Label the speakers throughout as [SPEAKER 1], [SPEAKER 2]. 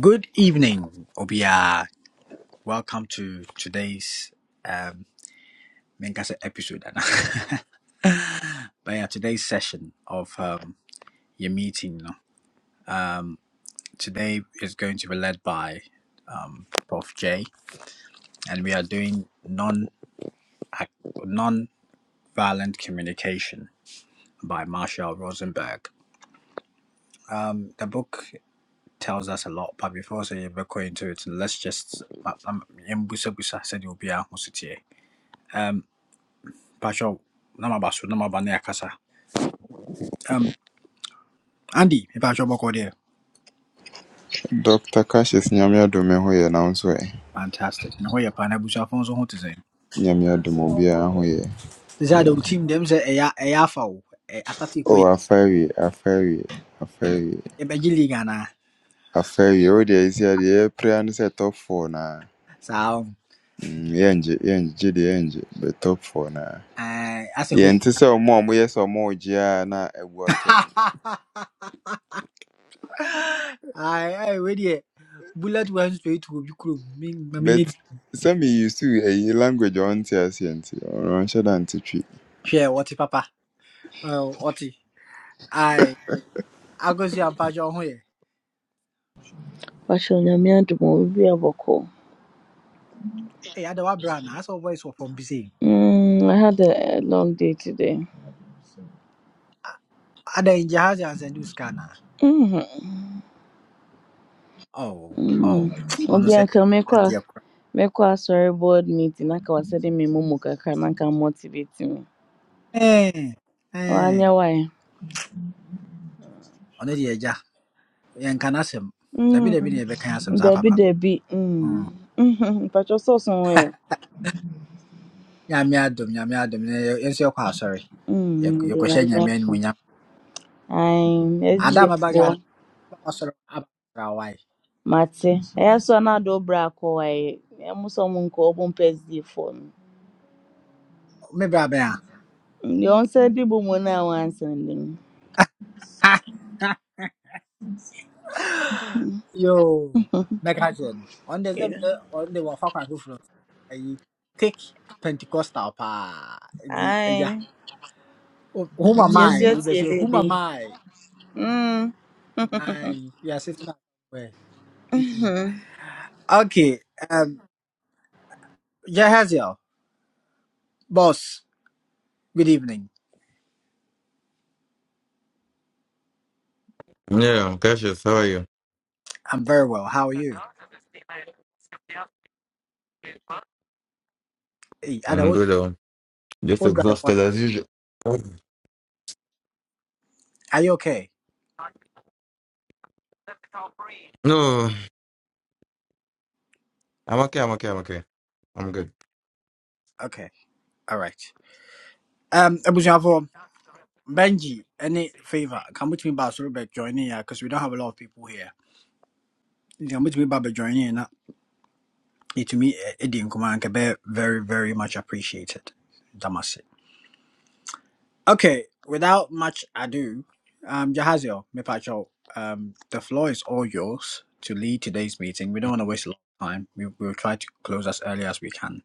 [SPEAKER 1] Good evening, Obia. Welcome to today's um Menkasa episode. Anna. but yeah, today's session of um your meeting no? today is going to be led by um Prof J and we are doing non non violent communication by Marshall Rosenberg. Um the book tells us a lot, but before so go into it, let's just um Mbusa Busa said Obia Um. um, um, um, um, um, um, um, um, Pacho, nama baso, nama bane akasa. Um, Andy, me pacho bako there.
[SPEAKER 2] Dr. Cassius Nyame adom ɛho yɛ nanso ɛ
[SPEAKER 1] Fantastic. Na hoye pa na busa fonzo ho tese.
[SPEAKER 2] Nyame adom obiara
[SPEAKER 1] Tese team dem se eya eya fa o. E astati ko e
[SPEAKER 2] Oh afa awie afa awie afa awie
[SPEAKER 1] be gili
[SPEAKER 2] afa awie wo deɛ ɛsi a deɛ yɛpira ne top four naa.
[SPEAKER 1] Sa um,
[SPEAKER 2] Mm, yɛngye yɛngye gye deɛ but top four naa.
[SPEAKER 1] eh as a hope.
[SPEAKER 2] Yɛnte sɛ ɔmo a ɔmoyɛ sɛ ɔmo regye a na ɛbu aka
[SPEAKER 1] Ai I we die. Bullet one straight to bi kuro. Mi ma mi
[SPEAKER 2] But some used to a language a ɔnte aseɛ nti ɔnhyɛ da nte twi.
[SPEAKER 1] what papa. Oh, what? Ai agosi am pacho ho ye.
[SPEAKER 3] Patrol
[SPEAKER 1] Eh ada wa bra na as voice wɔ from BC.
[SPEAKER 3] Mm, I had a, a long day today.
[SPEAKER 1] Ada injahazi and sendu scanner.
[SPEAKER 3] Mhm.
[SPEAKER 1] Oh, oh,
[SPEAKER 3] Mm.
[SPEAKER 1] honestly, ɔno
[SPEAKER 3] Obi
[SPEAKER 1] sɛ
[SPEAKER 3] anka mekɔ a
[SPEAKER 1] adeɛ kora.
[SPEAKER 3] mekɔ board meeting na ka wɔsɛ de me momo kakra na ka motivate me.
[SPEAKER 1] Ɛɛ,
[SPEAKER 3] Ɔanyɛ
[SPEAKER 1] ɛɛ,
[SPEAKER 3] wae.
[SPEAKER 1] ɔno deɛ agya, yɛnka n'asɛm. Dabi dabi
[SPEAKER 3] Mm.
[SPEAKER 1] na yɛbɛka asɛm saa
[SPEAKER 3] Dabi
[SPEAKER 1] papa.
[SPEAKER 3] dabi. Mm.
[SPEAKER 1] Mm.
[SPEAKER 3] Mhm. Patrol sɛ ɔso ho yɛ.
[SPEAKER 1] Nyame adom, nyame adom, na yɛ- yɛn nso yɛkɔ asɔre. Yɛk-
[SPEAKER 3] Mm, de
[SPEAKER 1] Yɛkɔhyɛ
[SPEAKER 3] nyame
[SPEAKER 1] nyame
[SPEAKER 3] afa.
[SPEAKER 1] you,
[SPEAKER 3] Ae,
[SPEAKER 1] Ada a
[SPEAKER 3] SDF
[SPEAKER 1] maba Ghana, mɛba asɔre aba awae.
[SPEAKER 3] mate. Ɛyɛ so a na ade wo bra akɔ wae. Ɛmo sɛ ɔmo nkɔ ɔmo mpɛ SDF foɔ no.
[SPEAKER 1] Me bra bɛn a?
[SPEAKER 3] Deɛ ɔnsa di bɔ mu no a wansɛn no.
[SPEAKER 1] Ha! Yo, mɛka kyerɛ no. Ɔno deɛ sɛ mepɛ- ɔno deɛ wafa kwan foforɔ. Ayi, take Pentecostal paa. Nti agya,
[SPEAKER 3] Hi.
[SPEAKER 1] who
[SPEAKER 3] It's
[SPEAKER 1] am
[SPEAKER 3] yes,
[SPEAKER 1] I? We
[SPEAKER 3] yes, yeah,
[SPEAKER 1] Wobɛsi, who am
[SPEAKER 3] baby.
[SPEAKER 1] I?
[SPEAKER 3] Mm.
[SPEAKER 1] Aye, you are sitting Okay, um, Jahaziel, boss, good evening.
[SPEAKER 4] Yeah, Cassius, how are you?
[SPEAKER 1] I'm very well. How are you? Hey, Ada,
[SPEAKER 4] I'm
[SPEAKER 1] what,
[SPEAKER 4] good. Um, just
[SPEAKER 1] what drive one?
[SPEAKER 4] exhausted as usual.
[SPEAKER 1] Are you okay?
[SPEAKER 4] No, I'm okay. I'm okay. I'm okay. I'm good.
[SPEAKER 1] Okay, all right. Um, Abusiafo, Benji, any favor? Come with me, boss, Robert, join in because we don't have a lot of people here. You Come with me, Baba, join in. uh, It to me, Eddie and Kuman, very, very much appreciated. Damasi. Okay, without much ado, um, Jahaziel, Mipacho, um, the floor is all yours to lead today's meeting. We don't want to waste a lot of time. We will try to close as early as we can.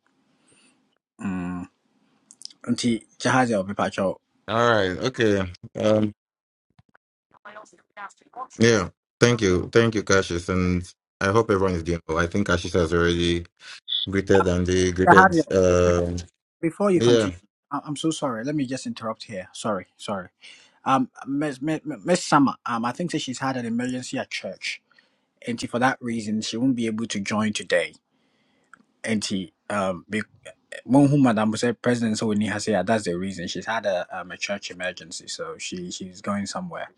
[SPEAKER 1] Mm. Auntie Jahaziel, Mipacho.
[SPEAKER 4] All right. Okay. Um. Yeah. Thank you. Thank you, Cassius, and I hope everyone is doing well. I think Cassius has already greeted and they greeted.
[SPEAKER 1] Jahaziel, Mipacho,
[SPEAKER 4] Um.
[SPEAKER 1] before you
[SPEAKER 4] yeah.
[SPEAKER 1] continue, I- I'm so sorry. Let me just interrupt here. Sorry, sorry. Um, Miss Miss Miss Summer, um, I think that she's had an emergency at church, and for that reason, she won't be able to join today. And um, Well, whom Madam said President Sowini has here, that's the reason. She's had a, um, a church emergency, so she, she's going somewhere.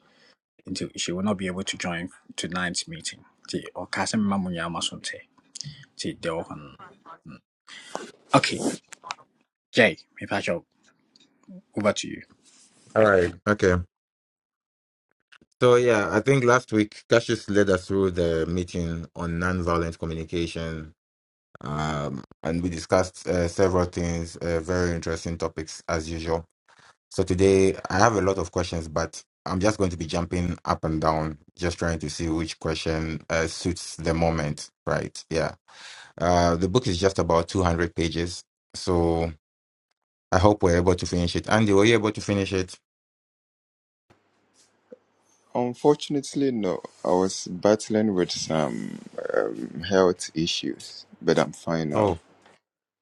[SPEAKER 1] Until she will not be able to join tonight's meeting. Ti, ɔka sɛ mema mo Ti, deɛ no- Okay, Jay, Mipacho, over to you.
[SPEAKER 4] All right. Okay. So yeah, I think last week Cassius led us through the meeting on nonviolent communication. Um, and we discussed uh, several things, uh, very interesting topics as usual. So today I have a lot of questions, but I'm just going to be jumping up and down, just trying to see which question uh, suits the moment, right? Yeah. Uh, the book is just about 200 pages, so I hope we're able to finish it. Andy, were you able to finish it?
[SPEAKER 2] Unfortunately, no. I was battling with some um, health issues, but I'm fine now.
[SPEAKER 4] Oh,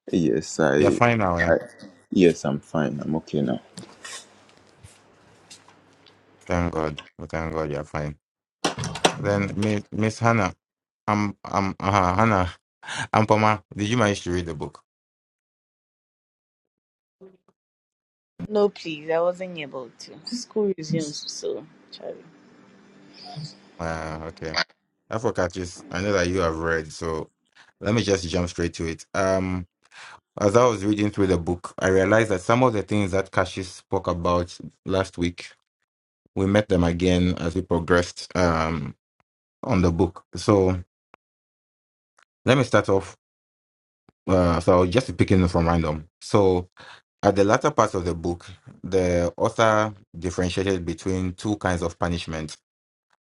[SPEAKER 2] Yes,
[SPEAKER 4] you're
[SPEAKER 2] I,
[SPEAKER 4] fine now, eh?
[SPEAKER 2] I, yes, I'm fine. I'm okay now.
[SPEAKER 4] Thank God. Oh, Thank God, you're fine. Then Mi- Miss Hannah, um, um, uh, Hannah, Ampoma, did you manage to read the book?
[SPEAKER 3] No, please. I wasn't able to. School resumes, so Charlie.
[SPEAKER 4] Ah, okay. Afro catches. I know that you have read, so let me just jump straight to it. Um, as I was reading through the book, I realized that some of the things that Cassius spoke about last week, we met them again as we progressed um on the book. So let me start off. Uh, so I'll just be picking from random. So at the latter part of the book, the author differentiated between two kinds of punishment.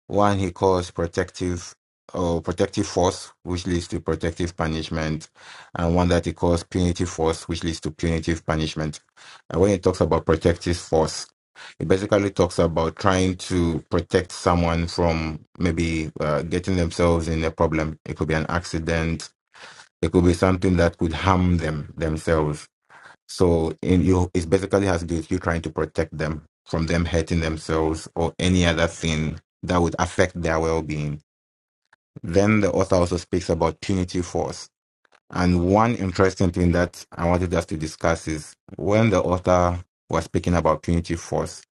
[SPEAKER 4] One he calls protective or protective force, which leads to protective punishment, and one that he calls punitive force, which leads to punitive punishment. And when he talks about protective force, it basically talks about trying to protect someone from maybe uh, getting themselves in a problem. It could be an accident. It could be something that could harm them themselves so in you it basically has to do with you trying to protect them from them hurting themselves or any other thing that would affect their well being. Then the author also speaks about punitive force. And one interesting thing that I wanted us to discuss is when the author was speaking about punitive force,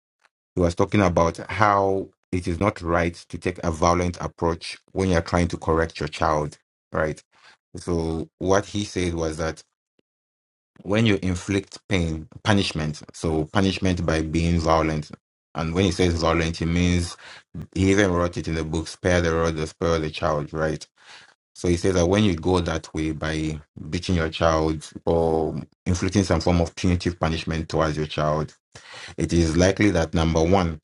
[SPEAKER 4] he was talking about how it is not right to take a violent approach when you're trying to correct your child, right? So what he said was that when you inflict pain, punishment. So punishment by being violent. And when he says violent, it means he even wrote it in the book, spare the rod or spare the child, right? So he says that when you go that way by beating your child or inflicting some form of punitive punishment towards your child, it is likely that number one,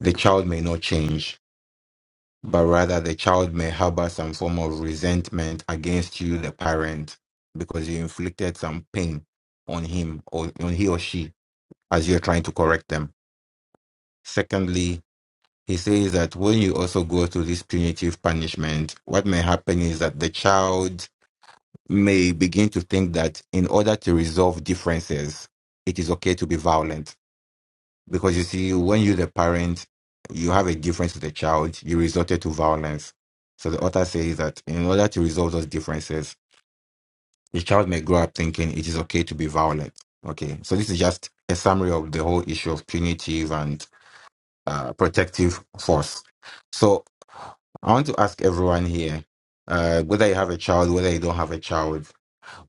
[SPEAKER 4] the child may not change, but rather the child may harbor some form of resentment against you, the parent, because you inflicted some pain on him or on he or she as you're trying to correct them. Secondly, he says that when you also go to this punitive punishment, what may happen is that the child may begin to think that in order to resolve differences, it is okay to be violent. Because you see, when you're the parent, you have a difference with the child, you resorted to violence. So the author says that in order to resolve those differences, the child may grow up thinking it is okay to be violent. Okay, so this is just a summary of the whole issue of punitive and uh, protective force. So I want to ask everyone here, uh, whether you have a child, whether you don't have a child,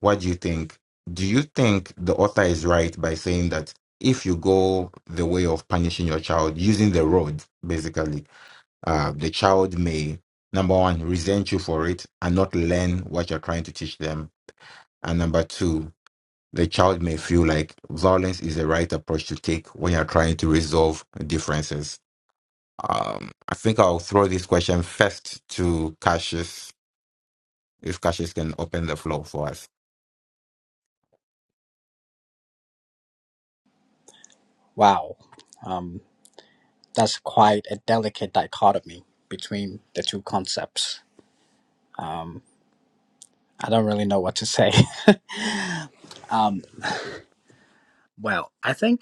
[SPEAKER 4] what do you think? Do you think the author is right by saying that if you go the way of punishing your child using the rod, basically, uh, the child may, number one, resent you for it and not learn what you're trying to teach them. And number two, the child may feel like violence is the right approach to take when you're trying to resolve differences um, I think I'll throw this question first to Cassius, if Cassius can open the floor for us.
[SPEAKER 1] Wow, um, that's quite a delicate dichotomy between the two concepts. I don't really know what to say. Um, well, I think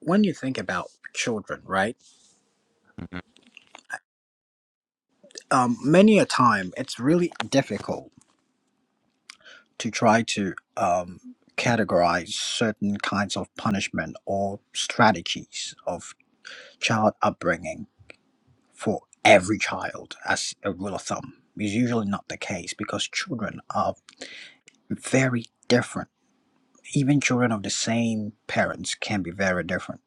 [SPEAKER 1] when you think about children, right?
[SPEAKER 4] Mm,
[SPEAKER 1] Um, many a time it's really difficult to try to um, categorize certain kinds of punishment or strategies of child upbringing for every child as a rule of thumb is usually not the case because children are very different. Even children of the same parents can be very different.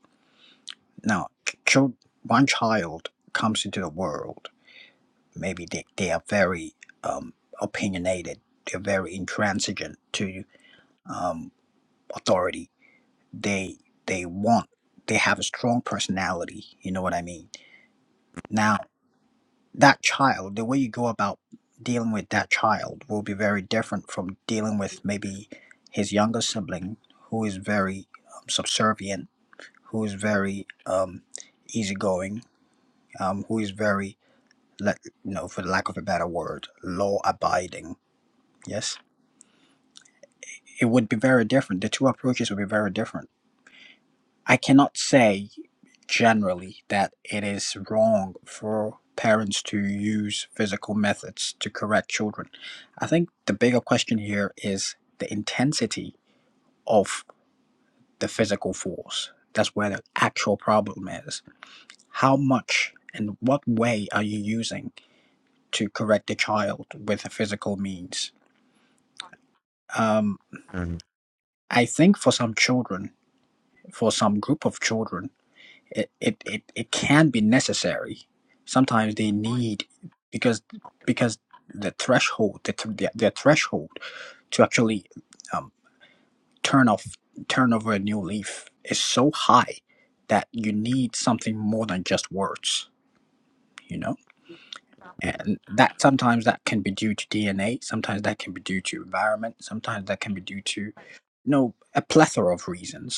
[SPEAKER 1] Now, ch- chil- one child comes into the world, maybe they, they are very um, opinionated, they're very intransigent to um, authority they they want they have a strong personality you know what i mean now that child the way you go about dealing with that child will be very different from dealing with maybe his younger sibling who is very um, subservient who is very um, easygoing um, who is very like you know for lack of a better word law abiding yes it would be very different the two approaches would be very different I cannot say generally that it is wrong for parents to use physical methods to correct children. I think the bigger question here is the intensity of the physical force. That's where the actual problem is. How much and what way are you using to correct the child with a physical means? Um,
[SPEAKER 4] mm,
[SPEAKER 1] I think for some children, for some group of children, it, it, it, it can be necessary. Sometimes they need because because the threshold the th- their, their threshold to actually um, turn off turn over a new leaf is so high that you need something more than just words, you know. And that sometimes that can be due to DNA, sometimes that can be due to environment, sometimes that can be due to you know a plethora of reasons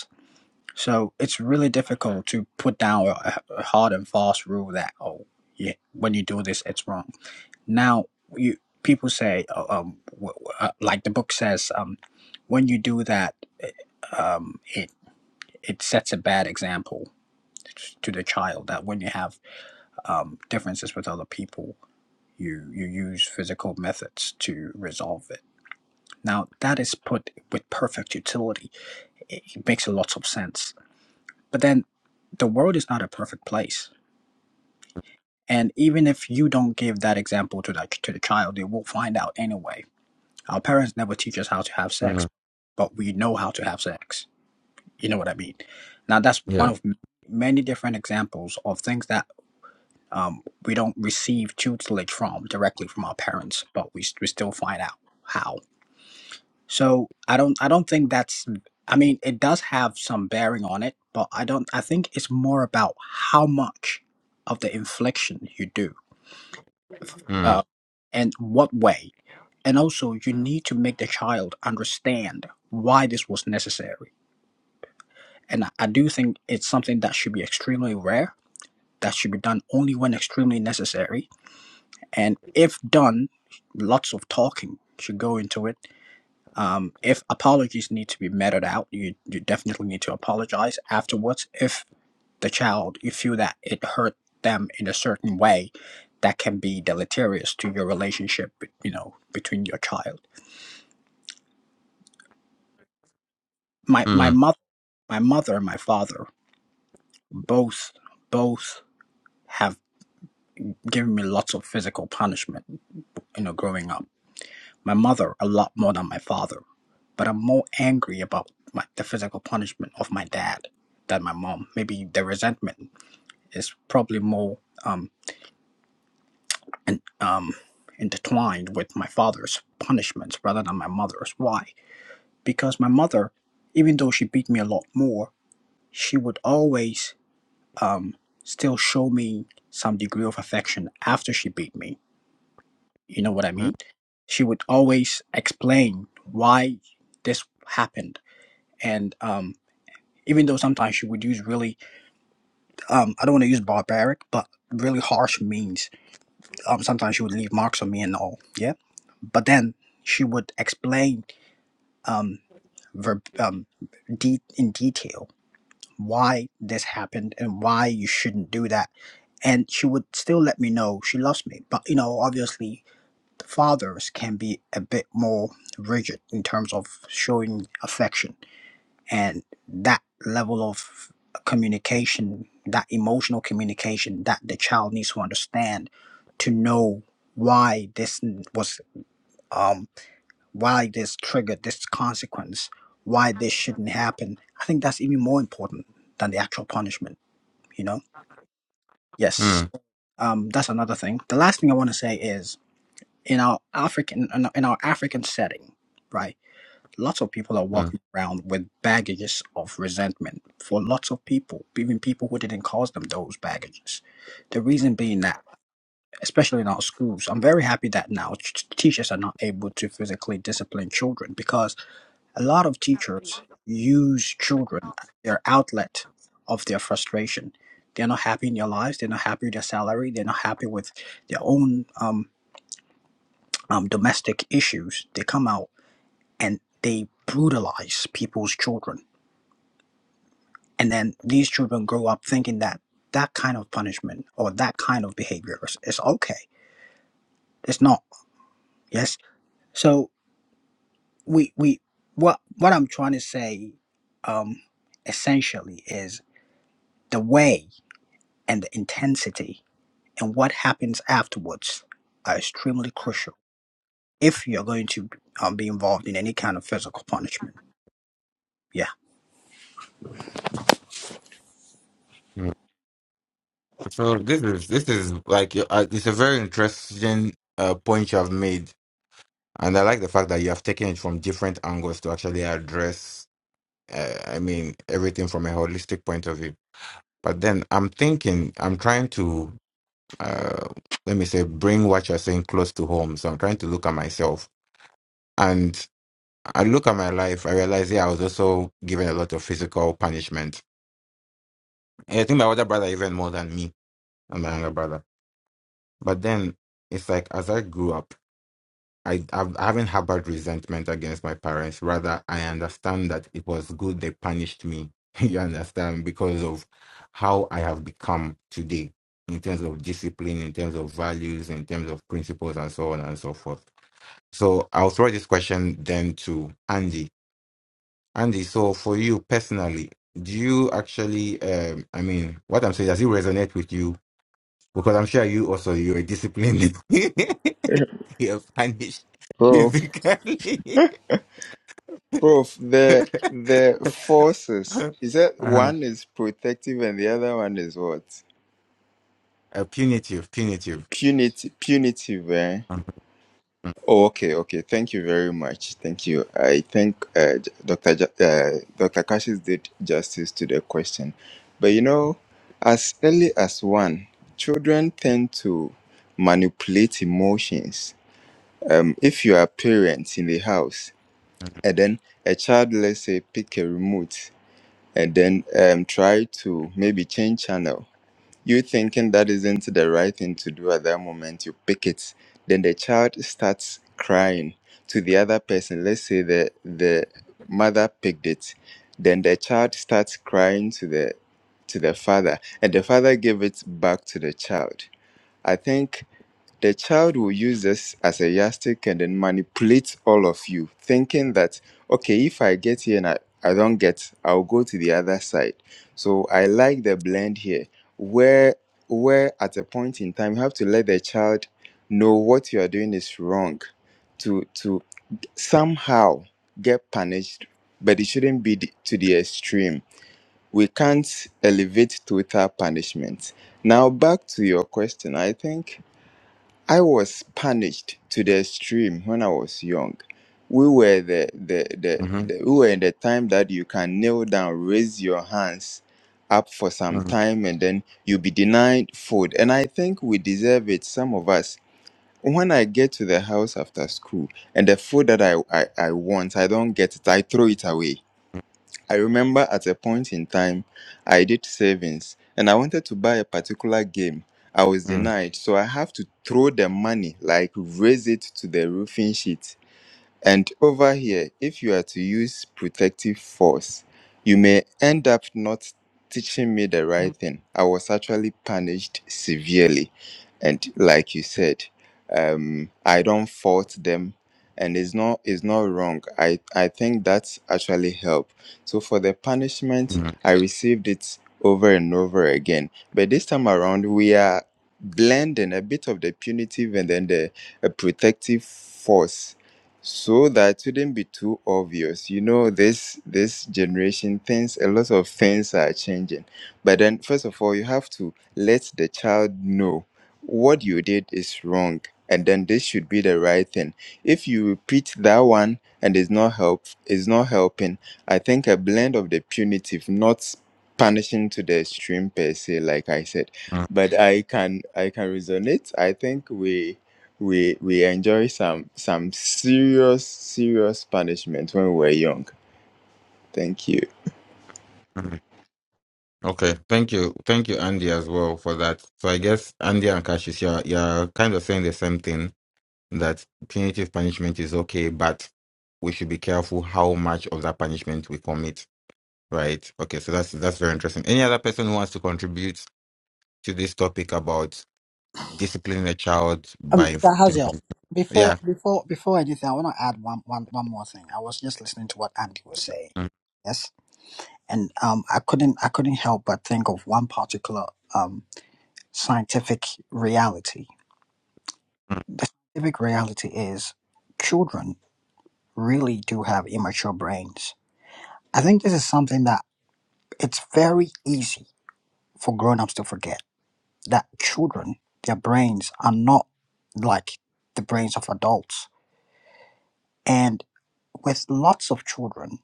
[SPEAKER 1] so it's really difficult to put down a, a hard and fast rule that oh yeah, when you do this, it's wrong. Now you people say oh, um w- w- uh, like the book says um when you do that eh, um it it sets a bad example t- to the child that when you have um differences with other people you you use physical methods to resolve it. Now that is put with perfect utility. It, it makes a lot of sense But then the world is not a perfect place. And even if you don't give that example to the, to the child, they will find out anyway. Our parents never teach us how to have sex,
[SPEAKER 4] mm,
[SPEAKER 1] but we know how to have sex. You know what I mean? Now, that's one
[SPEAKER 4] Yeah.
[SPEAKER 1] of m- many different examples of things that um, we don't receive tutelage from directly from our parents, but we, we still find out how. So I don't I don't think that's I mean it does have some bearing on it, but I don't I think it's more about how much of the infliction you do
[SPEAKER 4] Mm,
[SPEAKER 1] uh, and what way. And also you need to make the child understand why this was necessary. And I I do think it's something that should be extremely rare, that should be done only when extremely necessary. And if done, lots of talking should go into it Um, if apologies need to be meted out, you, you definitely need to apologize afterwards. If the child, you feel that it hurt them in a certain way, that can be deleterious to your relationship, you know, between your child. My my
[SPEAKER 4] mm,
[SPEAKER 1] mother, my mother and my father, both both have given me lots of physical punishment, you know, growing up. My mother a lot more than my father, but I'm more angry about my, the physical punishment of my dad than my mom. Maybe the resentment is probably more um, and, um, intertwined with my father's punishments rather than my mother's. Why? Because my mother, even though she beat me a lot more, she would always um, still show me some degree of affection after she beat me. You know what I
[SPEAKER 4] mm,
[SPEAKER 1] mean? She would always explain why this happened. And um, even though sometimes she would use really, um, I don't want to use barbaric, but really harsh means um, sometimes she would leave marks on me and all. Yeah, but then she would explain um, verb, um, de- in detail why this happened and why you shouldn't do that. And she would still let me know she loves me. But you know, obviously, the fathers can be a bit more rigid in terms of showing affection and that level of communication that emotional communication that the child needs to understand to know why this was um why this triggered this consequence why this shouldn't happen i think that's even more important than the actual punishment you know yes
[SPEAKER 4] mm,
[SPEAKER 1] um that's another thing the last thing i want to say is in our african in our in our african setting right lots of people are
[SPEAKER 4] mm,
[SPEAKER 1] walking around with baggages of resentment for lots of people, even people who didn't cause them those baggages. The reason being that, especially in our schools, I'm very happy that now t- teachers are not able to physically discipline children because a lot of teachers use children as their outlet of their frustration. They're not happy in their lives. They're not happy with their salary. They're not happy with their own um, um, domestic issues. They come out and they brutalize people's children And then these children grow up thinking that that kind of punishment or that kind of behavior is, is okay. It's not. Yes. So we we what what I'm trying to say, um, essentially is the way and the intensity and what happens afterwards are extremely crucial if you're going to um, be involved in any kind of physical punishment. Yeah.
[SPEAKER 4] mm. So this is this is like uh, it's a very interesting uh, point you have made, and I like the fact that you have taken it from different angles to actually address. Uh, I mean, everything from a holistic point of view. But then I'm thinking, I'm trying to uh, let me say bring what you're saying close to home. So I'm trying to look at myself, and I look at my life. I realize, yeah, I was also given a lot of physical punishment. And I think my older brother even more than me and my younger brother. But then it's like as I grew up. I, I've- I haven't harbored resentment against my parents. Rather, I understand that it was good they punished me. you understand? Because of how I have become today in terms of discipline, in terms of values, in terms of principles, and so on and so forth. So I'll throw this question then to Andy. Andy, so for you personally, do you actually, um, I mean, what I'm saying, does it resonate with you because I'm sure you also you were disciplined. You're punished
[SPEAKER 2] Prof,
[SPEAKER 4] physically.
[SPEAKER 2] Prof, the the forces
[SPEAKER 4] uh,
[SPEAKER 2] is that one is protective and the other one is what?
[SPEAKER 4] uh, punitive, punitive.
[SPEAKER 2] Punitive, punitive. Eh?
[SPEAKER 4] Mm-hmm.
[SPEAKER 2] Oh, okay, okay. Thank you very much. Thank you. I think uh, J- Dr. J- uh, Dr. Kashis did justice to the question, but you know, as early as one, children tend to manipulate emotions. Um, if you are parents in the house and then a child let's say pick a remote and then um, try to maybe change channel you thinking that isn't the right thing to do at that moment you pick it then the child starts crying to the other person let's say the the mother picked it then the child starts crying to the to the father and the father gave it back to the child i think the child will use this as a yardstick and then manipulate all of you, thinking that, okay, if I get here and I, I don't get, I'll go to the other side. So I like the blend here, where where at a point in time you have to let the child know what you are doing is wrong to to somehow get punished, but it shouldn't be the- to the extreme. We can't elevate total punishment. Now back to your question, I think I was punished to the extreme when I was young. We were the, the, the,
[SPEAKER 4] Mm-hmm.
[SPEAKER 2] the we were in the time that you can kneel down, raise your hands up for some
[SPEAKER 4] Mm-hmm.
[SPEAKER 2] time, and then you'll be denied food. And I think we deserve it, some of us. When I get to the house after school and the food that I, I, I want, I don't get it, I throw it away I remember at a point in time, I did savings and I wanted to buy a particular game. I was
[SPEAKER 4] Mm-hmm.
[SPEAKER 2] denied, so I have to throw the money, like raise it to the roofing sheet. And over here, if you are to use protective force, you may end up not teaching me the right thing. I was actually punished severely. And like you said, um, I don't fault them and it's not it's not wrong. I, I think that's actually help. So for the punishment,
[SPEAKER 4] Mm-hmm.
[SPEAKER 2] I received it over and over again. But this time around we are blending a bit of the punitive and then the uh, protective force so that shouldn't be too obvious you know this this generation things a lot of things are changing but then first of all you have to let the child know what you did is wrong and then this should be the right thing if you repeat that one and it's not help is not helping i think a blend of the punitive not punishing to the extreme per se like i said but i can i can resonate i think we we we enjoy some some serious serious punishment when we were young. Thank you.
[SPEAKER 4] Mm-hmm. Okay, thank you, thank you, Andy, as well for that. So I guess Andy and Cassius, you're you're kind of saying the same thing that punitive punishment is okay, but we should be careful how much of that punishment we commit. Right. Okay. So that's that's very interesting. Any other person who wants to contribute to this topic about disciplining a child
[SPEAKER 1] Um,
[SPEAKER 4] by
[SPEAKER 1] Mr. Hazel,
[SPEAKER 4] inflicting.
[SPEAKER 1] before
[SPEAKER 4] yeah
[SPEAKER 1] before before anything, I want to add one, one one more thing. I was just listening to what Andy was saying,
[SPEAKER 4] mm,
[SPEAKER 1] yes, and um, I couldn't I couldn't help but think of one particular um scientific reality.
[SPEAKER 4] mm,
[SPEAKER 1] The scientific reality is children really do have immature brains. I think this is something that it's very easy for grown-ups to forget that children their brains are not like the brains of adults and with lots of children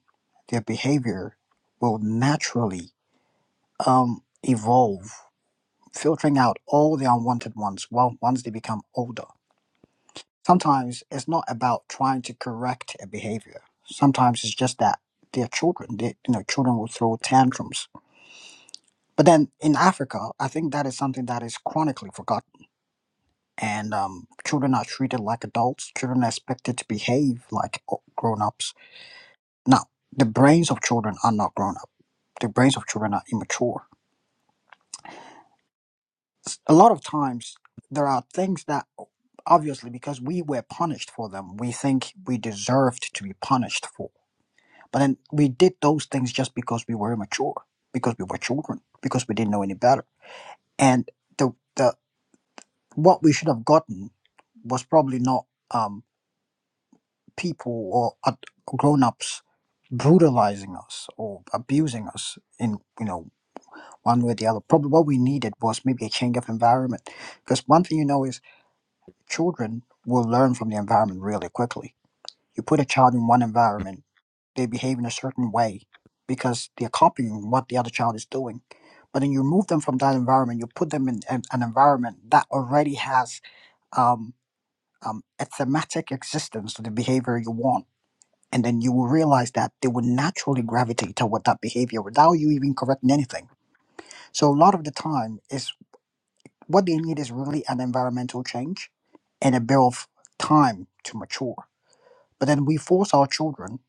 [SPEAKER 1] their behavior will naturally um, evolve filtering out all the unwanted ones well once they become older sometimes it's not about trying to correct a behavior sometimes it's just that they're children they, you know children will throw tantrums but then in africa i think that is something that is chronically forgotten and um, children are treated like adults. Children are expected to behave like grown-ups. Now, the brains of children are not grown-up. The brains of children are immature. A lot of times, there are things that obviously because we were punished for them, we think we deserved to be punished for. But then we did those things just because we were immature, because we were children, because we didn't know any better. And the the what we should have gotten was probably not. um. people or ad- grown-ups brutalizing us or abusing us in you know one way or the other probably what we needed was maybe a change of environment because one thing you know is children will learn from the environment really quickly you put a child in one environment they behave in a certain way because they're copying what the other child is doing but then you remove them from that environment you put them in an, an environment that already has um, um, a thematic existence to the behavior you want and then you will realize that they will naturally gravitate toward that behavior without you even correcting anything. So a lot of the time is what they need is really an environmental change and a bit of time to mature. But then we force our children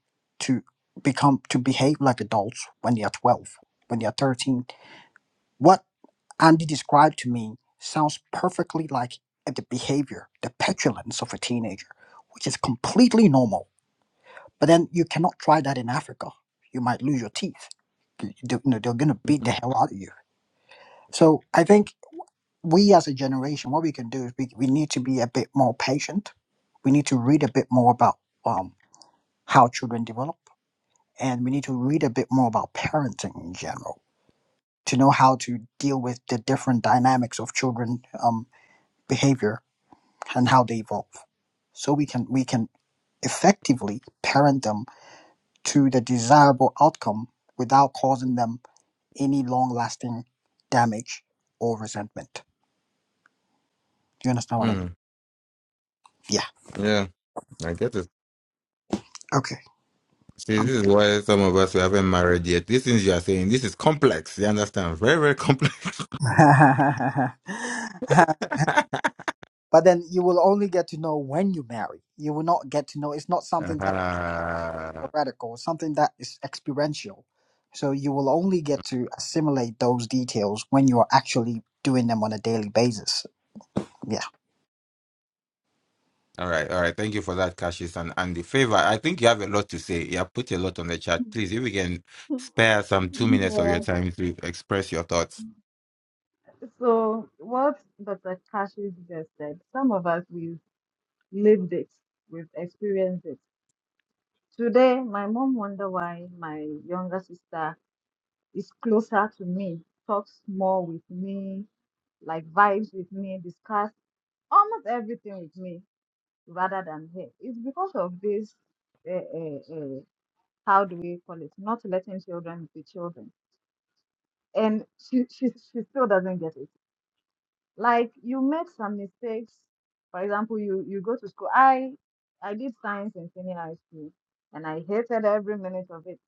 [SPEAKER 1] to become to behave like adults when they are twelve, when they are thirteen. What Andy described to me sounds perfectly like the behavior, the petulance of a teenager, which is completely normal But then you cannot try that in Africa. You might lose your teeth. They're going to beat
[SPEAKER 4] mm,
[SPEAKER 1] the hell out of you. So I think we as a generation, what we can do is we, we need to be a bit more patient. We need to read a bit more about um, how children develop. And we need to read a bit more about parenting in general to know how to deal with the different dynamics of children um, behavior and how they evolve. So we can we can effectively parent them to the desirable outcome without causing them any long lasting damage or resentment. Do you understand what I mean?
[SPEAKER 4] mm.
[SPEAKER 1] Yeah.
[SPEAKER 4] yeah i get it
[SPEAKER 1] Okay.
[SPEAKER 4] see
[SPEAKER 1] Um,
[SPEAKER 4] this is why some of us we haven't married yet these things you are saying this is complex you understand very very complex
[SPEAKER 1] but then you will only get to know when you marry. You will not get to know. It's not something that's
[SPEAKER 4] Uh-huh.
[SPEAKER 1] theoretical. It's something that is experiential. So you will only get to assimilate those details when you are actually doing them on a daily basis. Yeah.
[SPEAKER 4] all right all right thank you for that cassius and and the favor i think you have a lot to say you have put a lot on the chat please if we can spare some two minutes of your
[SPEAKER 5] Yeah.
[SPEAKER 4] time to express your thoughts
[SPEAKER 5] So what Dr. Kashi just said, some of us we've lived it, we've experienced it. Today, my mom wonder why my younger sister is closer to me, talks more with me, like vibes with me, discuss almost everything with me rather than her. It's because of this, uh, uh, uh, how do we call it? Not letting children be children. And she, she, she still doesn't get it. like you make some mistakes. For example, you you go to school. I I did science in senior high school, and I hated every minute of it.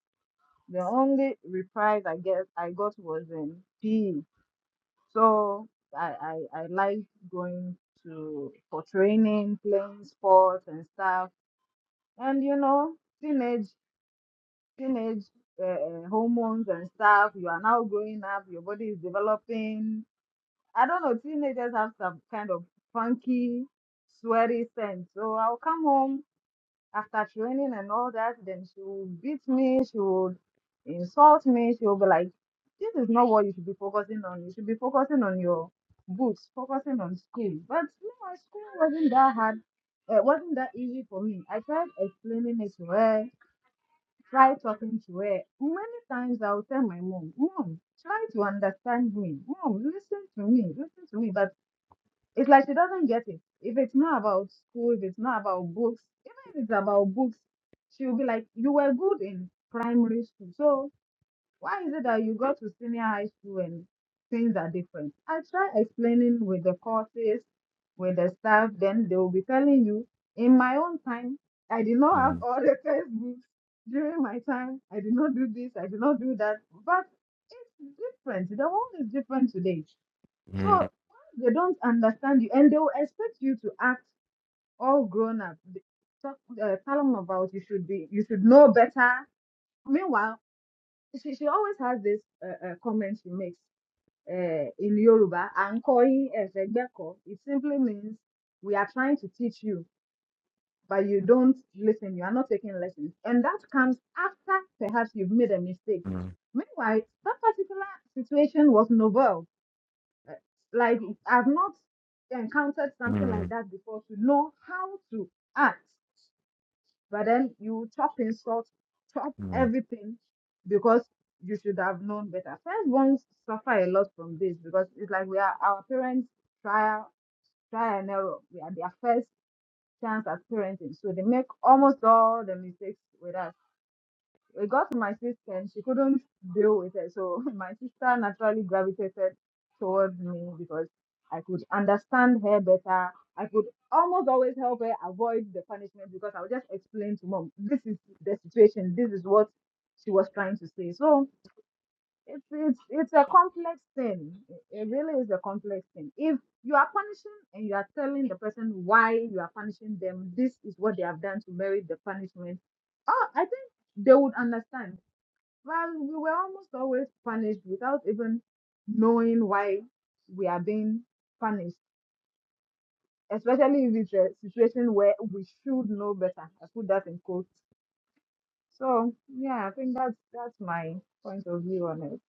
[SPEAKER 5] The only reprise I guess I got was in PE. So I I, I like going to for training, playing sports and stuff. And you know, teenage teenage uh, uh, hormones and stuff. You are now growing up. Your body is developing I don't know, teenagers have some kind of funky, sweary sense. So I'll come home after training and all that, then she will beat me, she would insult me, she will be like, This is not what you should be focusing on. You should be focusing on your books, focusing on school. But you know, school wasn't that hard. It wasn't that easy for me. I tried explaining it to her, tried talking to her. Many times I would tell my mom, Mom, try to understand me. Mom, listen to me, listen to me. But it's like she doesn't get it. If it's not about school, if it's not about books, even if it's about books, she will be like, You were good in primary school. So why is it that you go to senior high school and things are different? I try explaining with the courses, with the staff, then they will be telling you, in my own time, I did not have
[SPEAKER 4] Mm,
[SPEAKER 5] all the textbooks during my time. I did not do this, I did not do that. But it's different. The world is different today.
[SPEAKER 4] mm,
[SPEAKER 5] So they don't understand you, and they will expect you to act all grown up. They Talk, uh, tell them about you should be, you should know better. Meanwhile, she, she always has this uh, uh, comment she makes uh, in Yoruba, "Ankoyi ezegbeko." It simply means we are trying to teach you, but you don't listen. You are not taking lessons, and that comes after perhaps you've made a mistake.
[SPEAKER 4] mm,
[SPEAKER 5] Meanwhile, that particular situation was novel uh, like I've not encountered something
[SPEAKER 4] mm,
[SPEAKER 5] like that before to know how to act. But then you chop insult, chop
[SPEAKER 4] mm.
[SPEAKER 5] everything because you should have known better. First ones suffer a lot from this because it's like we are our parents trial try and error. We are their first chance at parenting. So they make almost all the mistakes with us it got to my sister and she couldn't deal with it. So my sister naturally gravitated towards me because I could understand her better. I could almost always help her avoid the punishment because I would just explain to mom, this is the situation, this is what she was trying to say. So it's it's it's a complex thing. It it really is a complex thing. If you are punishing and you are telling the person why you are punishing them, this is what they have done to merit the punishment. Oh, I think they would understand well, we were almost always punished without even knowing why we are being punished, especially if it's a situation where we should know better. I put that in quotes. So yeah, I think that's that's my point of view on it.